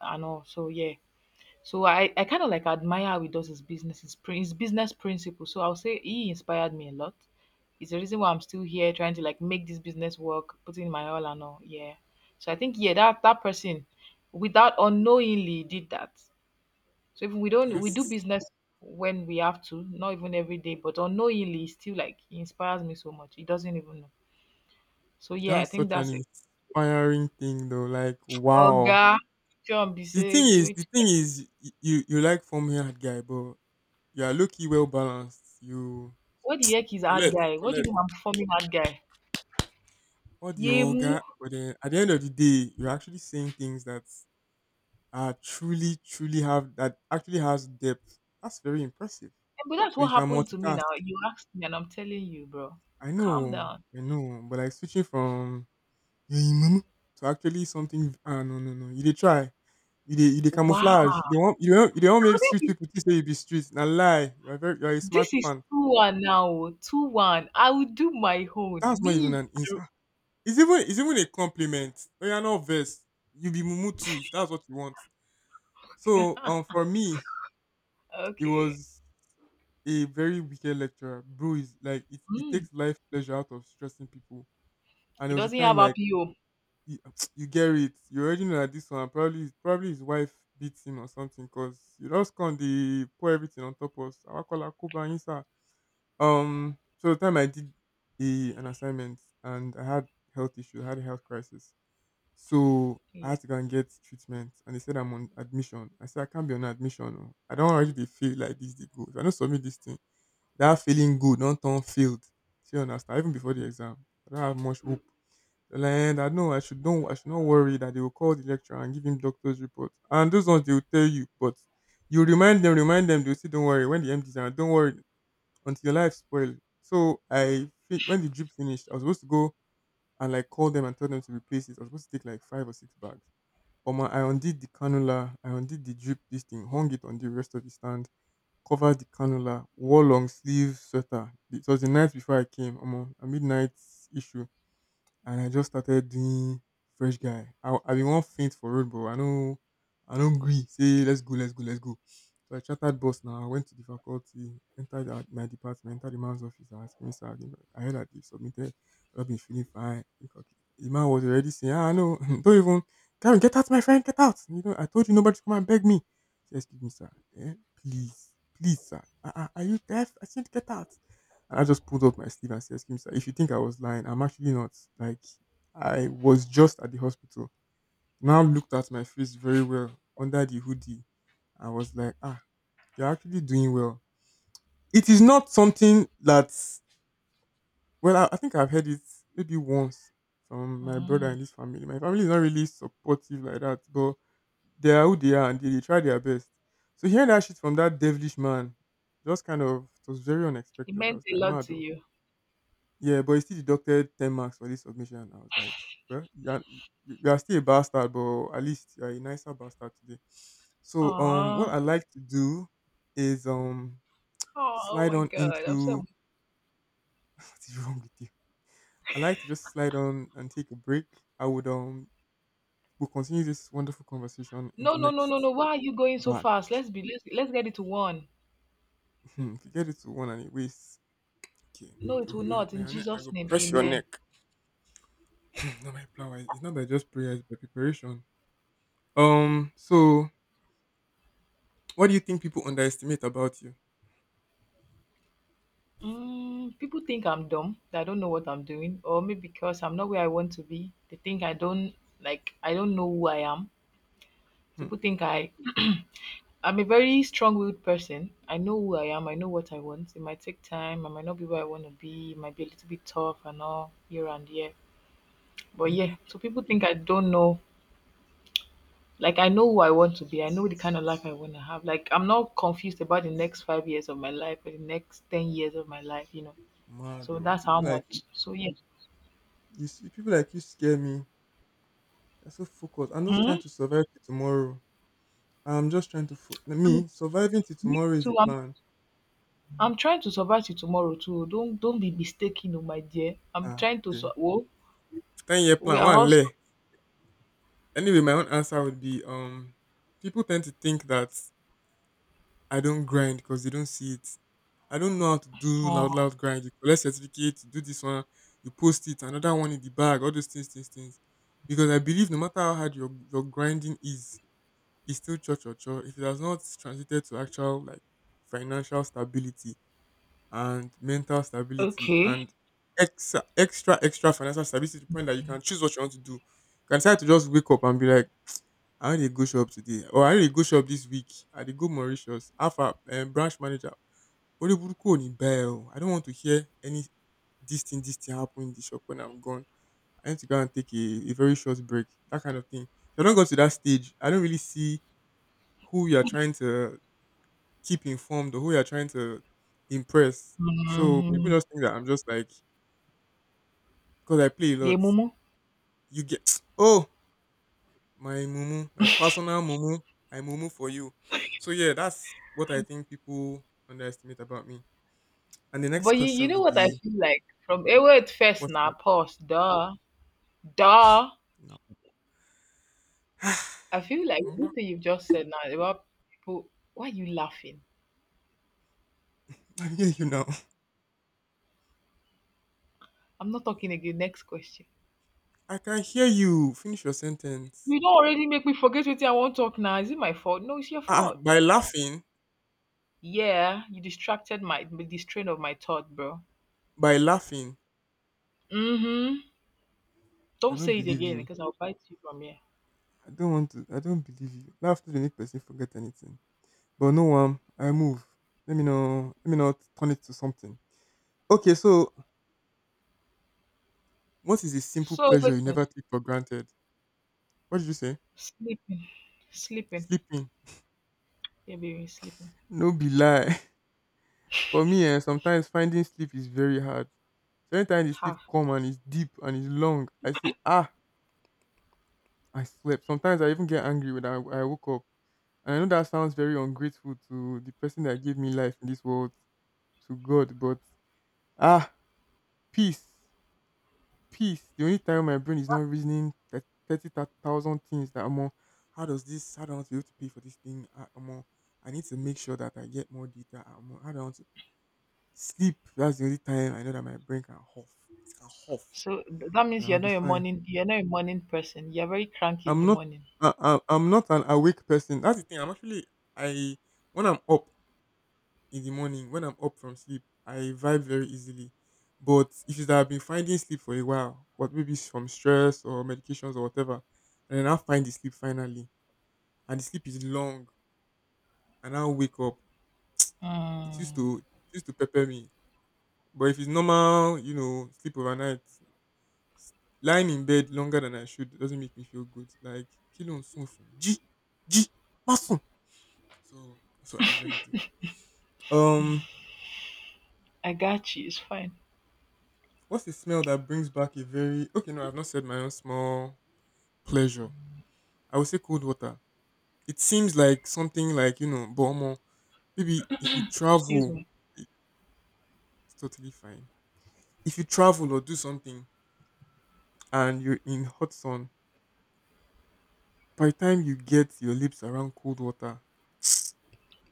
[SPEAKER 2] and all. So yeah, so I kind of like admire how he does his business, his business principle. So I'll say he inspired me a lot. It's the reason why I'm still here trying to like make this business work, putting in my all and all. Yeah. So I think yeah, that that person without unknowingly did that. So if we don't we do
[SPEAKER 1] Yes.
[SPEAKER 2] business when we have to, not even every day, but unknowingly it's still like he inspires me so much. He doesn't even know. So yeah, I
[SPEAKER 1] That's
[SPEAKER 2] think
[SPEAKER 1] such an
[SPEAKER 2] that's it.
[SPEAKER 1] inspiring thing though. Like wow.
[SPEAKER 2] Oga, John Bisek,
[SPEAKER 1] The thing is y- you like form haired guy, but you are lucky well balanced. You
[SPEAKER 2] what the heck is hard
[SPEAKER 1] collect,
[SPEAKER 2] guy? What do you
[SPEAKER 1] collect.
[SPEAKER 2] mean I'm forming hard guy?
[SPEAKER 1] What the
[SPEAKER 2] Yeah,
[SPEAKER 1] orga, but then at the end of the day, you're actually saying things that are truly, truly have, that actually has depth. That's very impressive.
[SPEAKER 2] but that's
[SPEAKER 1] So you
[SPEAKER 2] what
[SPEAKER 1] can
[SPEAKER 2] happened to me
[SPEAKER 1] multitask.
[SPEAKER 2] now. You asked me, and I'm telling you, bro.
[SPEAKER 1] I
[SPEAKER 2] Calm
[SPEAKER 1] know,
[SPEAKER 2] down.
[SPEAKER 1] I know, but like switching from, yeah, "You in mumu?" to actually something, ah, no, no, no. You dey try. You dey
[SPEAKER 2] Wow.
[SPEAKER 1] camouflage. You dey want make street
[SPEAKER 2] This is,
[SPEAKER 1] people think say you be street. Na lie. You are a
[SPEAKER 2] this
[SPEAKER 1] smarty
[SPEAKER 2] is
[SPEAKER 1] pan.
[SPEAKER 2] 2-1 now. Oh. 2-1. I will do my own.
[SPEAKER 1] That's not even
[SPEAKER 2] Me.
[SPEAKER 1] an insult. It's even a compliment. Oh, you are not vex. You be mumu too if that's what you want. So for me it
[SPEAKER 2] Okay.
[SPEAKER 1] was a very wicked lecturer. Bro is like it
[SPEAKER 2] Mm.
[SPEAKER 1] takes life pleasure out of stressing people. And
[SPEAKER 2] It
[SPEAKER 1] there was a
[SPEAKER 2] doesn't
[SPEAKER 1] time
[SPEAKER 2] have
[SPEAKER 1] like
[SPEAKER 2] RPO.
[SPEAKER 1] you, you get it. You already know that this one probably his wife beat him or something, because you just can't the pour everything on top of us. I call her Kuba Insa. So the time I did a, an assignment, and I had health issue, I had a health crisis, so I
[SPEAKER 2] Yeah.
[SPEAKER 1] had to go and get treatment. And they said I'm on admission. I said I can't be on admission. Oh. I don't already dey feel like this. They go. If I don't submit this thing, that feeling good, don't turn failed. See, understand? Even before the exam, I don't have much hope, and I know I should not worry that they will call the lecturer and give him doctor's report. And those ones they will tell you, but you remind them, they'll say, "Don't worry, when the empties are, don't worry," until your life spoiled. So when the drip finished, I was supposed to go and like call them and tell them to replace it. I was supposed to take like five or six bags. But my I undid the cannula, I undid the drip this thing, hung it on the rest of the stand, covered the cannula, wore long sleeve sweater. It was the night before I came, a midnight issue, and I just started doing fresh guy. I been wan faint for road, but I know, I no gree. Say let's go, let's go, let's go. So I chatted boss now. I went to the faculty, entered at my department, entered the man's office. I asked him, sir, I heard that they submitted. I've been feeling fine. The man was already saying, "Ah, no, don't even, Karen, get out, my friend, get out. You know, I told you nobody to come and beg me." He, excuse me, sir. Eh, please, please, sir. "Uh, are you deaf? I said, get out." And I just pulled up my sleeve and said, "Excuse me, sir, if you think I was lying, I'm actually not. Like, I was just at the hospital." Now looked at my face very well under the hoodie. I was like, ah, you're actually doing well. It is not something that's, well, I think I've heard it maybe once from my brother
[SPEAKER 2] Mm.
[SPEAKER 1] and his family. My family is not really supportive like that, but they are who they are, and they try their best. So hearing that shit from that devilish man just kind of, it was very
[SPEAKER 2] It
[SPEAKER 1] unexpected. I
[SPEAKER 2] meant
[SPEAKER 1] was
[SPEAKER 2] a
[SPEAKER 1] like,
[SPEAKER 2] lot
[SPEAKER 1] mad.
[SPEAKER 2] to
[SPEAKER 1] Oh.
[SPEAKER 2] you.
[SPEAKER 1] Yeah, but he still deducted 10 marks for this submission. I was like, well, you are, you are still a bastard, but at least you are a nicer bastard today. So, what
[SPEAKER 2] Aww.
[SPEAKER 1] I like to do is
[SPEAKER 2] Oh, oh
[SPEAKER 1] slide
[SPEAKER 2] my
[SPEAKER 1] on
[SPEAKER 2] God. I'm so.
[SPEAKER 1] into what is wrong with you? I like to just slide on and take a break. I would we'll continue this wonderful conversation in
[SPEAKER 2] No,
[SPEAKER 1] the
[SPEAKER 2] no, no,
[SPEAKER 1] next
[SPEAKER 2] no, no. Why are you going so
[SPEAKER 1] but
[SPEAKER 2] fast? Let's be. Let's get it to one.
[SPEAKER 1] if you get it to one and it wastes, okay.
[SPEAKER 2] No,
[SPEAKER 1] I
[SPEAKER 2] it will
[SPEAKER 1] will,
[SPEAKER 2] not. In
[SPEAKER 1] now I
[SPEAKER 2] Jesus'
[SPEAKER 1] will
[SPEAKER 2] name,
[SPEAKER 1] press your
[SPEAKER 2] Amen.
[SPEAKER 1] neck. Not by flower. It's not by just prayer, it's by preparation. So what do you think people underestimate about you?
[SPEAKER 2] Mm, people think I'm dumb, that I don't know what I'm doing, or maybe because I'm not where I want to be. They think I don't like I don't know who I am.
[SPEAKER 1] Hmm.
[SPEAKER 2] People think I I'm a very strong-willed person. I know who I am. I know what I want. It might take time. I might not be where I want to be. It might be a little bit tough and all here and there. But
[SPEAKER 1] hmm
[SPEAKER 2] yeah, so people think I don't know. Like I know who I want to be. I know the kind of life I want to have. Like I'm not confused about the next 5 years of my life or the next 10 years of my life.
[SPEAKER 1] Mad,
[SPEAKER 2] So
[SPEAKER 1] oh.
[SPEAKER 2] that's how
[SPEAKER 1] People like you,
[SPEAKER 2] much. So yeah.
[SPEAKER 1] people like you scare me. They are so focused. I'm just trying
[SPEAKER 2] Hmm.
[SPEAKER 1] to survive till tomorrow. I'm just trying to
[SPEAKER 2] And
[SPEAKER 1] me surviving till
[SPEAKER 2] me
[SPEAKER 1] tomorrow is the
[SPEAKER 2] too, I'm
[SPEAKER 1] plan.
[SPEAKER 2] I'm trying to survive till tomorrow too. Don't be mistaken oh my dear. I'm
[SPEAKER 1] Ah,
[SPEAKER 2] trying to sur
[SPEAKER 1] okay.
[SPEAKER 2] oh,
[SPEAKER 1] 10 year
[SPEAKER 2] we
[SPEAKER 1] plan.
[SPEAKER 2] are
[SPEAKER 1] One
[SPEAKER 2] all
[SPEAKER 1] lay. Anyway, my own answer would be people tend to think that I don't grind because they don't see it. I don't know how to do loud,
[SPEAKER 2] oh,
[SPEAKER 1] loud grind. You collect certificate, you do this one, you post it, another one in the bag, all those things, things, things. Because I believe no matter how hard your grinding is, it's still cho cho cho. If it has not translated to actual, like, financial stability and mental stability
[SPEAKER 2] okay.
[SPEAKER 1] and extra extra extra financial stability to the point that you can choose what you want to do. You can decide to just wake up and be like, I how dey go shop today? Or I how dey go shop this week? I did go Mauritius. How branch manager, orí burúkú ò ní bá ẹ o. Ni bell? I don't want to hear any this thing happen in the shop when I'm gone. I need to go and take a very short break. That kind of thing. If I don't go to that stage, I don't really see who you are trying to keep informed or who you are trying to impress. So people
[SPEAKER 2] Mhm.
[SPEAKER 1] just think that I'm just like because I play a lot.
[SPEAKER 2] mumu.
[SPEAKER 1] You get oh my mumu, my personal mumu, I mumu for you. So yeah, that's what I think people underestimate about me. And the next
[SPEAKER 2] But you
[SPEAKER 1] question
[SPEAKER 2] know
[SPEAKER 1] would
[SPEAKER 2] what I
[SPEAKER 1] be,
[SPEAKER 2] feel like from wait first
[SPEAKER 1] what's
[SPEAKER 2] now,
[SPEAKER 1] that
[SPEAKER 2] pause. Duh. Duh.
[SPEAKER 1] now?
[SPEAKER 2] I feel like this
[SPEAKER 1] Mongba?
[SPEAKER 2] thing you've just said now about people. Why are you laughing?
[SPEAKER 1] I hear you now.
[SPEAKER 2] I'm not talking again. Next question.
[SPEAKER 1] I can hear you. Finish your sentence.
[SPEAKER 2] You don't already make me forget what I want to talk now. Is it my fault? No, it's your
[SPEAKER 1] Ah, ah,
[SPEAKER 2] fault.
[SPEAKER 1] by laughing,
[SPEAKER 2] Yeah, you distracted my the train of my thought, bro.
[SPEAKER 1] by laughing.
[SPEAKER 2] Mhm.
[SPEAKER 1] I
[SPEAKER 2] Don't
[SPEAKER 1] don't
[SPEAKER 2] say it
[SPEAKER 1] believe
[SPEAKER 2] again
[SPEAKER 1] you.
[SPEAKER 2] because I'll bite you from here.
[SPEAKER 1] I don't want to. I don't believe you. Laughter dey make person forget anything. But no one. I move. Let me know. Let me not turn it to something. Okay, so what is a simple
[SPEAKER 2] So
[SPEAKER 1] pleasure
[SPEAKER 2] wait,
[SPEAKER 1] you
[SPEAKER 2] a minute.
[SPEAKER 1] never take for granted? What did you say?
[SPEAKER 2] Sleeping, sleeping,
[SPEAKER 1] Sleeping.
[SPEAKER 2] yeah, baby, sleeping.
[SPEAKER 1] No be lie. For me, eh, sometimes finding sleep is very hard. So anytime the sleep
[SPEAKER 2] Half.
[SPEAKER 1] come and it's deep and it's long, I say, ah, I slept. Sometimes I even get angry when I woke up. And I know that sounds very ungrateful to the person that gave me life in this world, to God, but ah, peace, peace. The only time my brain is not reasoning that 30,000 things that I'm on, how does this, how do I want to be able to pay for this thing? Ah, I'm on, I need to make sure that I get more data. I'm on, how do I want to sleep, that's the only time I know that my brain can huff. It can huff
[SPEAKER 2] So that
[SPEAKER 1] and
[SPEAKER 2] means
[SPEAKER 1] I'll
[SPEAKER 2] you're
[SPEAKER 1] be
[SPEAKER 2] not a
[SPEAKER 1] fine.
[SPEAKER 2] morning, you're not a morning person. You're very cranky in
[SPEAKER 1] I'm
[SPEAKER 2] the
[SPEAKER 1] not
[SPEAKER 2] morning.
[SPEAKER 1] I'm not an awake person. That's the thing. I'm actually I when I'm up in the morning, when I'm up from sleep, I vibe very easily. But issues that I've been finding sleep for a while, but maybe it's from stress or medications or whatever, and then I find the sleep finally, and the sleep is long, and I wake up. It used
[SPEAKER 2] Mm,
[SPEAKER 1] to it used to pepper me, but if it's normal, you know, sleep overnight, S- lying in bed longer than I should doesn't make me feel good. Like kí ló ń sùn G Jí jí. So that's what I usually do. Um,
[SPEAKER 2] I got you. It's fine.
[SPEAKER 1] what's the smell that brings back a very okay? No, I've not said my own small pleasure. I would say cold water. It seems like something like you know, but omo, maybe if you
[SPEAKER 2] Excuse
[SPEAKER 1] travel,
[SPEAKER 2] me.
[SPEAKER 1] it's totally fine. If you travel or do something and you're in hot sun, by the time you get your lips around cold water.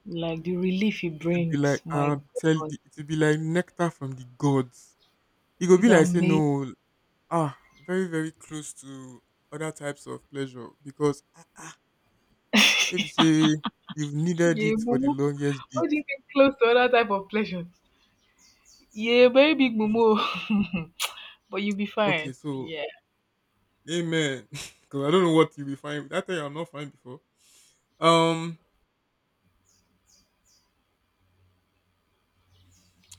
[SPEAKER 2] Like the relief it
[SPEAKER 1] It will be like
[SPEAKER 2] brings, my
[SPEAKER 1] tell
[SPEAKER 2] God,
[SPEAKER 1] the, it will be like nectar from the gods. It will be
[SPEAKER 2] is
[SPEAKER 1] like say
[SPEAKER 2] amazing.
[SPEAKER 1] no, ah, very very close to other types of pleasure because ah, ah, maybe say you've needed
[SPEAKER 2] Yeah,
[SPEAKER 1] it for the
[SPEAKER 2] mumu.
[SPEAKER 1] longest bit.
[SPEAKER 2] How do you get close to other type of pleasures? Yeah,
[SPEAKER 1] Ah, the
[SPEAKER 2] very
[SPEAKER 1] other
[SPEAKER 2] big
[SPEAKER 1] pleasures.
[SPEAKER 2] mumu. But you'll be
[SPEAKER 1] Okay,
[SPEAKER 2] fine.
[SPEAKER 1] so
[SPEAKER 2] Yeah.
[SPEAKER 1] amen. Because I don't know what you'll be fine with. That thing I'm not fine before. Um,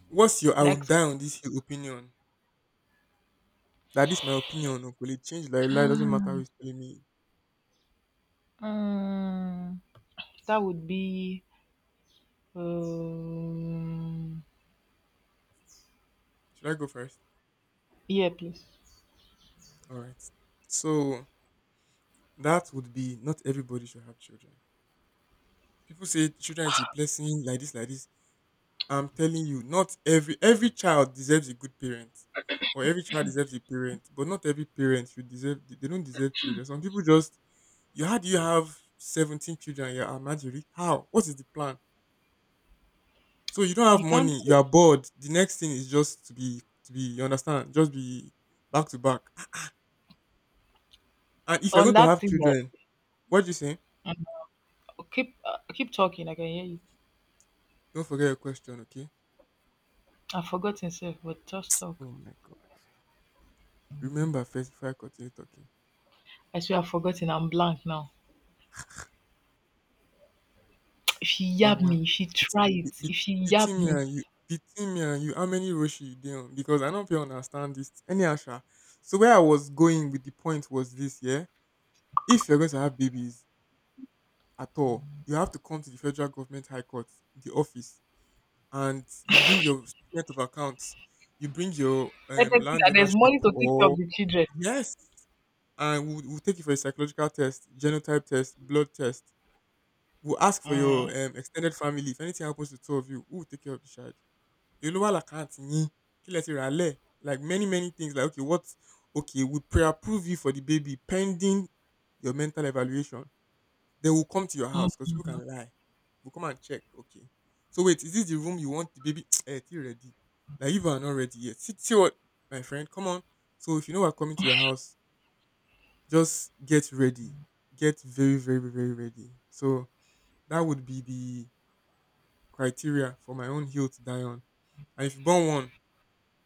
[SPEAKER 1] what's your I will
[SPEAKER 2] Next.
[SPEAKER 1] die on this hill opinion? That is my opinion. Uncle. It change like lie. Doesn't matter who's telling me.
[SPEAKER 2] Mm. That would be um
[SPEAKER 1] Should I go first?
[SPEAKER 2] yeah, please.
[SPEAKER 1] All right. So that would be not everybody should have children. People say children is a blessing, like this, like this. I'm telling you, not every every child deserves a good parent, or every child deserves a parent, but not every parent should deserve. They don't deserve children. Some people just you how do you have 17 children? You're a married. How? What is the plan? So you don't have
[SPEAKER 2] You can't
[SPEAKER 1] money. You are bored. The next thing is just to be. You understand? Just be back to back. And if you're
[SPEAKER 2] on
[SPEAKER 1] going to
[SPEAKER 2] that
[SPEAKER 1] have
[SPEAKER 2] thing.
[SPEAKER 1] children,
[SPEAKER 2] Yes.
[SPEAKER 1] what do you say?
[SPEAKER 2] Um, keep talking. I can hear you.
[SPEAKER 1] Don't forget your question, okay?
[SPEAKER 2] I've forgotten, self, but just talk.
[SPEAKER 1] Oh my god. Remember first before I continue talking.
[SPEAKER 2] I swear I've forgotten. I'm blank now. If she
[SPEAKER 1] Wow,
[SPEAKER 2] yab
[SPEAKER 1] wow.
[SPEAKER 2] me, if she
[SPEAKER 1] Between
[SPEAKER 2] try it, if she yab
[SPEAKER 1] between me
[SPEAKER 2] me,
[SPEAKER 1] and you, between me and you, how many Roshi you dey on? Because I don't feel understand this. Any Asha. So where I was going with the point was this, yeah. If you're going to have babies at all, you have to come to the federal government high court, the office, and you bring your statement of accounts, you bring your
[SPEAKER 2] let them see
[SPEAKER 1] land
[SPEAKER 2] that there's
[SPEAKER 1] ownership
[SPEAKER 2] money to take care of
[SPEAKER 1] or
[SPEAKER 2] the children.
[SPEAKER 1] yes, and we'll take you for a psychological test, genotype test, blood test. We'll ask for your
[SPEAKER 2] Mm.
[SPEAKER 1] extended family. If anything happens to two of you, who will take care of the child? Yoruba la can't yin. Kí lẹ ti rà lẹ̀? Like many, many things. Like, okay, what? Okay, we pre-approve you for the baby pending your mental evaluation. They will come to your house because
[SPEAKER 2] Mm.
[SPEAKER 1] people can lie. We'll come and check. Okay. So wait, is this the room you want the baby? Eh, you ready. Like you are not ready yet. See, see what, my friend, come on. So if you know we're coming to your house, just get ready. Get very, very, very ready. So that would be the criteria for my own hill to die on. And if you born one,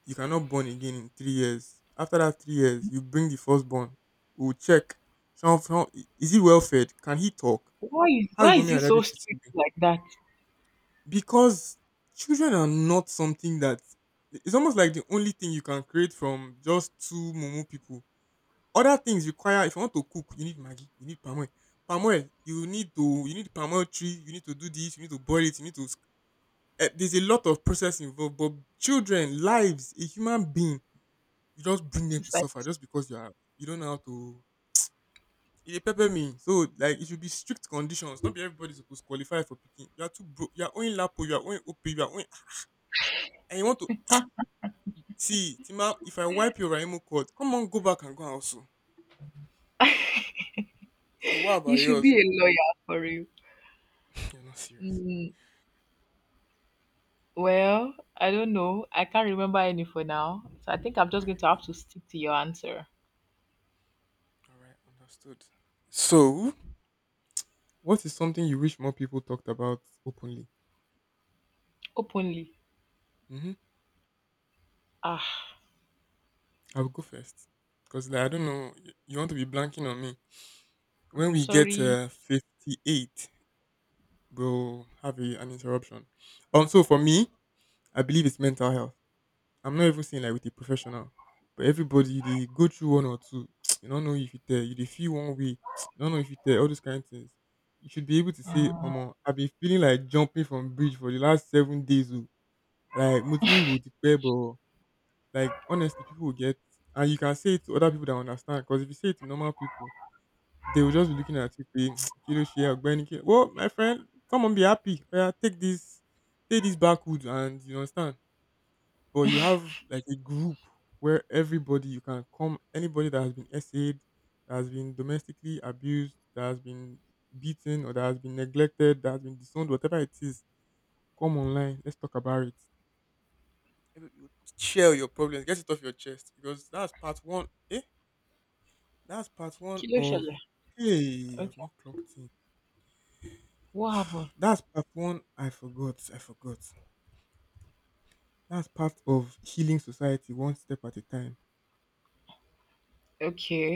[SPEAKER 1] you cannot born again in 3 years. After that 3 years, you bring the firstborn. We'll check. Some, is he well fed? Can he talk?
[SPEAKER 2] Why is
[SPEAKER 1] How is
[SPEAKER 2] why is
[SPEAKER 1] mommy
[SPEAKER 2] he
[SPEAKER 1] and daddy
[SPEAKER 2] so
[SPEAKER 1] treating
[SPEAKER 2] strict
[SPEAKER 1] you?
[SPEAKER 2] like that?
[SPEAKER 1] Because children are not something that it's almost like the only thing you can create from just two mumu people. Other things require if you want to cook, you need Maggie, you need palm oil. Palm oil, you need to you need palm oil tree, you need to do this, you need to boil it, you need to eh, there's a lot of process involved, but children, lives, a human being, you just bring them to
[SPEAKER 2] It's like
[SPEAKER 1] suffer just because you are you don't know how to. It pepper me, so like it should be strict conditions. Not be everybody supposed to qualify for picking. You are too broke. You are owing Lapo. You are owing OP. You are owing, and you want to see Tima. If I wipe your Raimo court, come on, go back and go also. So what
[SPEAKER 2] you
[SPEAKER 1] about
[SPEAKER 2] should
[SPEAKER 1] yours?
[SPEAKER 2] be a lawyer for real.
[SPEAKER 1] You're not serious.
[SPEAKER 2] Mm. Well, I don't know. I can't remember any for now. So I think I'm
[SPEAKER 1] I
[SPEAKER 2] just going
[SPEAKER 1] like
[SPEAKER 2] to
[SPEAKER 1] that.
[SPEAKER 2] have to stick to your answer
[SPEAKER 1] All right, understood. So, what is something you wish more people talked about openly?
[SPEAKER 2] openly.
[SPEAKER 1] Mhm.
[SPEAKER 2] Ah,
[SPEAKER 1] I will go first because, like, I don't know. You want to be blanking on me. When we get
[SPEAKER 2] sorry.
[SPEAKER 1] 58, we'll have an interruption. So for me, I believe it's mental health. I'm not even saying like with a professional, but everybody they go through one or two. You don't know if you tell, you they feel one way. You don't know if you tell all those kind of things. You should be able to say, "Omo, I've been feeling like jumping from bridge for the last 7 days. Oh. Like, mo ti ń rò ó tipẹ́, but like honestly, people will get, and you can say it to other people that understand. Because if you say it to normal people, they will just be looking at you, being Kiloshi, Ogbeni, Kil-" Well, my friend, come on, be happy. Yeah, take this backwood, and you understand. But you have like a group where everybody you can come, anybody that has been essayed, that has been domestically abused, that has been beaten, or that has been neglected, that has been disowned, whatever it is, come online. Let's talk about it. You Share your problems, get it off your chest because that's part one. Eh, that's part one
[SPEAKER 2] Kilo
[SPEAKER 1] of.
[SPEAKER 2] Shele.
[SPEAKER 1] Hey, I've
[SPEAKER 2] Okay.
[SPEAKER 1] not clocked in.
[SPEAKER 2] What happened?
[SPEAKER 1] That's part one. I forgot. I forgot. That's part of healing society, one step at a time.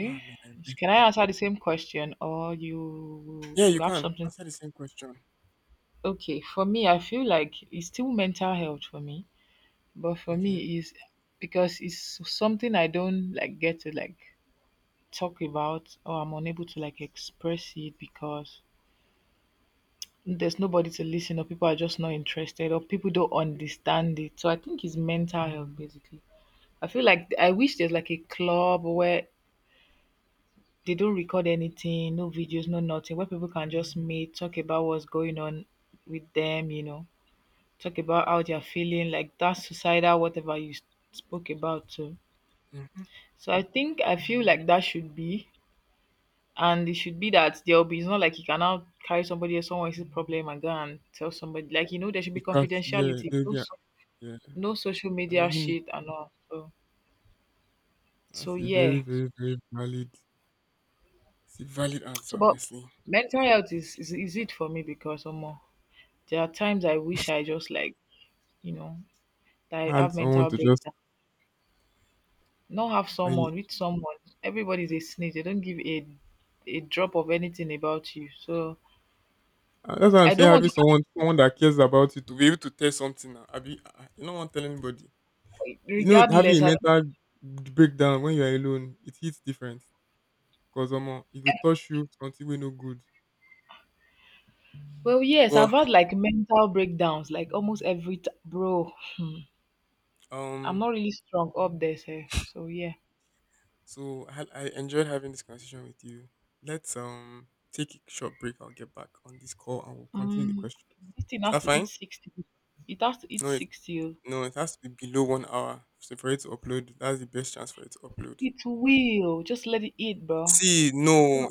[SPEAKER 1] Ah, man, I
[SPEAKER 2] So can
[SPEAKER 1] messed up.
[SPEAKER 2] I answer the same question or you
[SPEAKER 1] Yeah, you
[SPEAKER 2] have
[SPEAKER 1] can
[SPEAKER 2] something?
[SPEAKER 1] answer the same question.
[SPEAKER 2] Okay. For me, I feel like it's still mental health for me. But for
[SPEAKER 1] Okay.
[SPEAKER 2] me, is because it's something I don't like get to like talk about or I'm unable to like express it because there's nobody to listen, or people are just not interested, or people don't understand it. So I think it's mental health basically. I feel like I wish there's like a club where they don't record anything, no videos, no nothing, where people can just meet, talk about what's going on with them, talk about how they're feeling, like that suicidal whatever you spoke about too.
[SPEAKER 1] Mm-hmm.
[SPEAKER 2] So I think I feel like that should be, and it should be that there'll be. It's not like you cannot carry somebody or someone else's problem and go and tell somebody. Like, there should be
[SPEAKER 1] Because yeah,
[SPEAKER 2] confidentiality.
[SPEAKER 1] there'll be a, yeah,
[SPEAKER 2] No social media
[SPEAKER 1] anonymity.
[SPEAKER 2] shit and all. So,
[SPEAKER 1] That's a very,
[SPEAKER 2] yeah.
[SPEAKER 1] very, very valid. It's a valid answer,
[SPEAKER 2] So, but
[SPEAKER 1] honestly.
[SPEAKER 2] mental health is it for me because there are times I wish I just like you know that I
[SPEAKER 1] Had
[SPEAKER 2] have
[SPEAKER 1] someone
[SPEAKER 2] mental
[SPEAKER 1] to just
[SPEAKER 2] breakdown. Not have
[SPEAKER 1] I
[SPEAKER 2] someone with someone. Everybody's a snitch. They don't give a drop of anything about you. So
[SPEAKER 1] ah, that's why I'm
[SPEAKER 2] I
[SPEAKER 1] saying
[SPEAKER 2] don't want
[SPEAKER 1] having
[SPEAKER 2] to.
[SPEAKER 1] someone that cares about you to be able to tell something. Now, Abi, ah, ah, you don't want to tell anybody. You know, having a
[SPEAKER 2] Regardless, I don't,
[SPEAKER 1] mental breakdown when you're alone, it hits different. Cause it could touch you until we no good.
[SPEAKER 2] well yes, I've
[SPEAKER 1] But
[SPEAKER 2] had like mental breakdowns like almost every bro. I'm
[SPEAKER 1] um,
[SPEAKER 2] not really strong up there, sef. So yeah.
[SPEAKER 1] I, I enjoyed having this conversation with you. Let's take a short break. I'll get back on this call and we'll continue the
[SPEAKER 2] Mm,
[SPEAKER 1] questions.
[SPEAKER 2] this thing
[SPEAKER 1] Is
[SPEAKER 2] has
[SPEAKER 1] that
[SPEAKER 2] to eat
[SPEAKER 1] fine?
[SPEAKER 2] 60. It has to eat
[SPEAKER 1] No, it
[SPEAKER 2] 60. Oh.
[SPEAKER 1] has to be below 1 hour. So for it to upload, that's the best chance for it to upload.
[SPEAKER 2] It will. Just let it eat, bro.
[SPEAKER 1] See, no,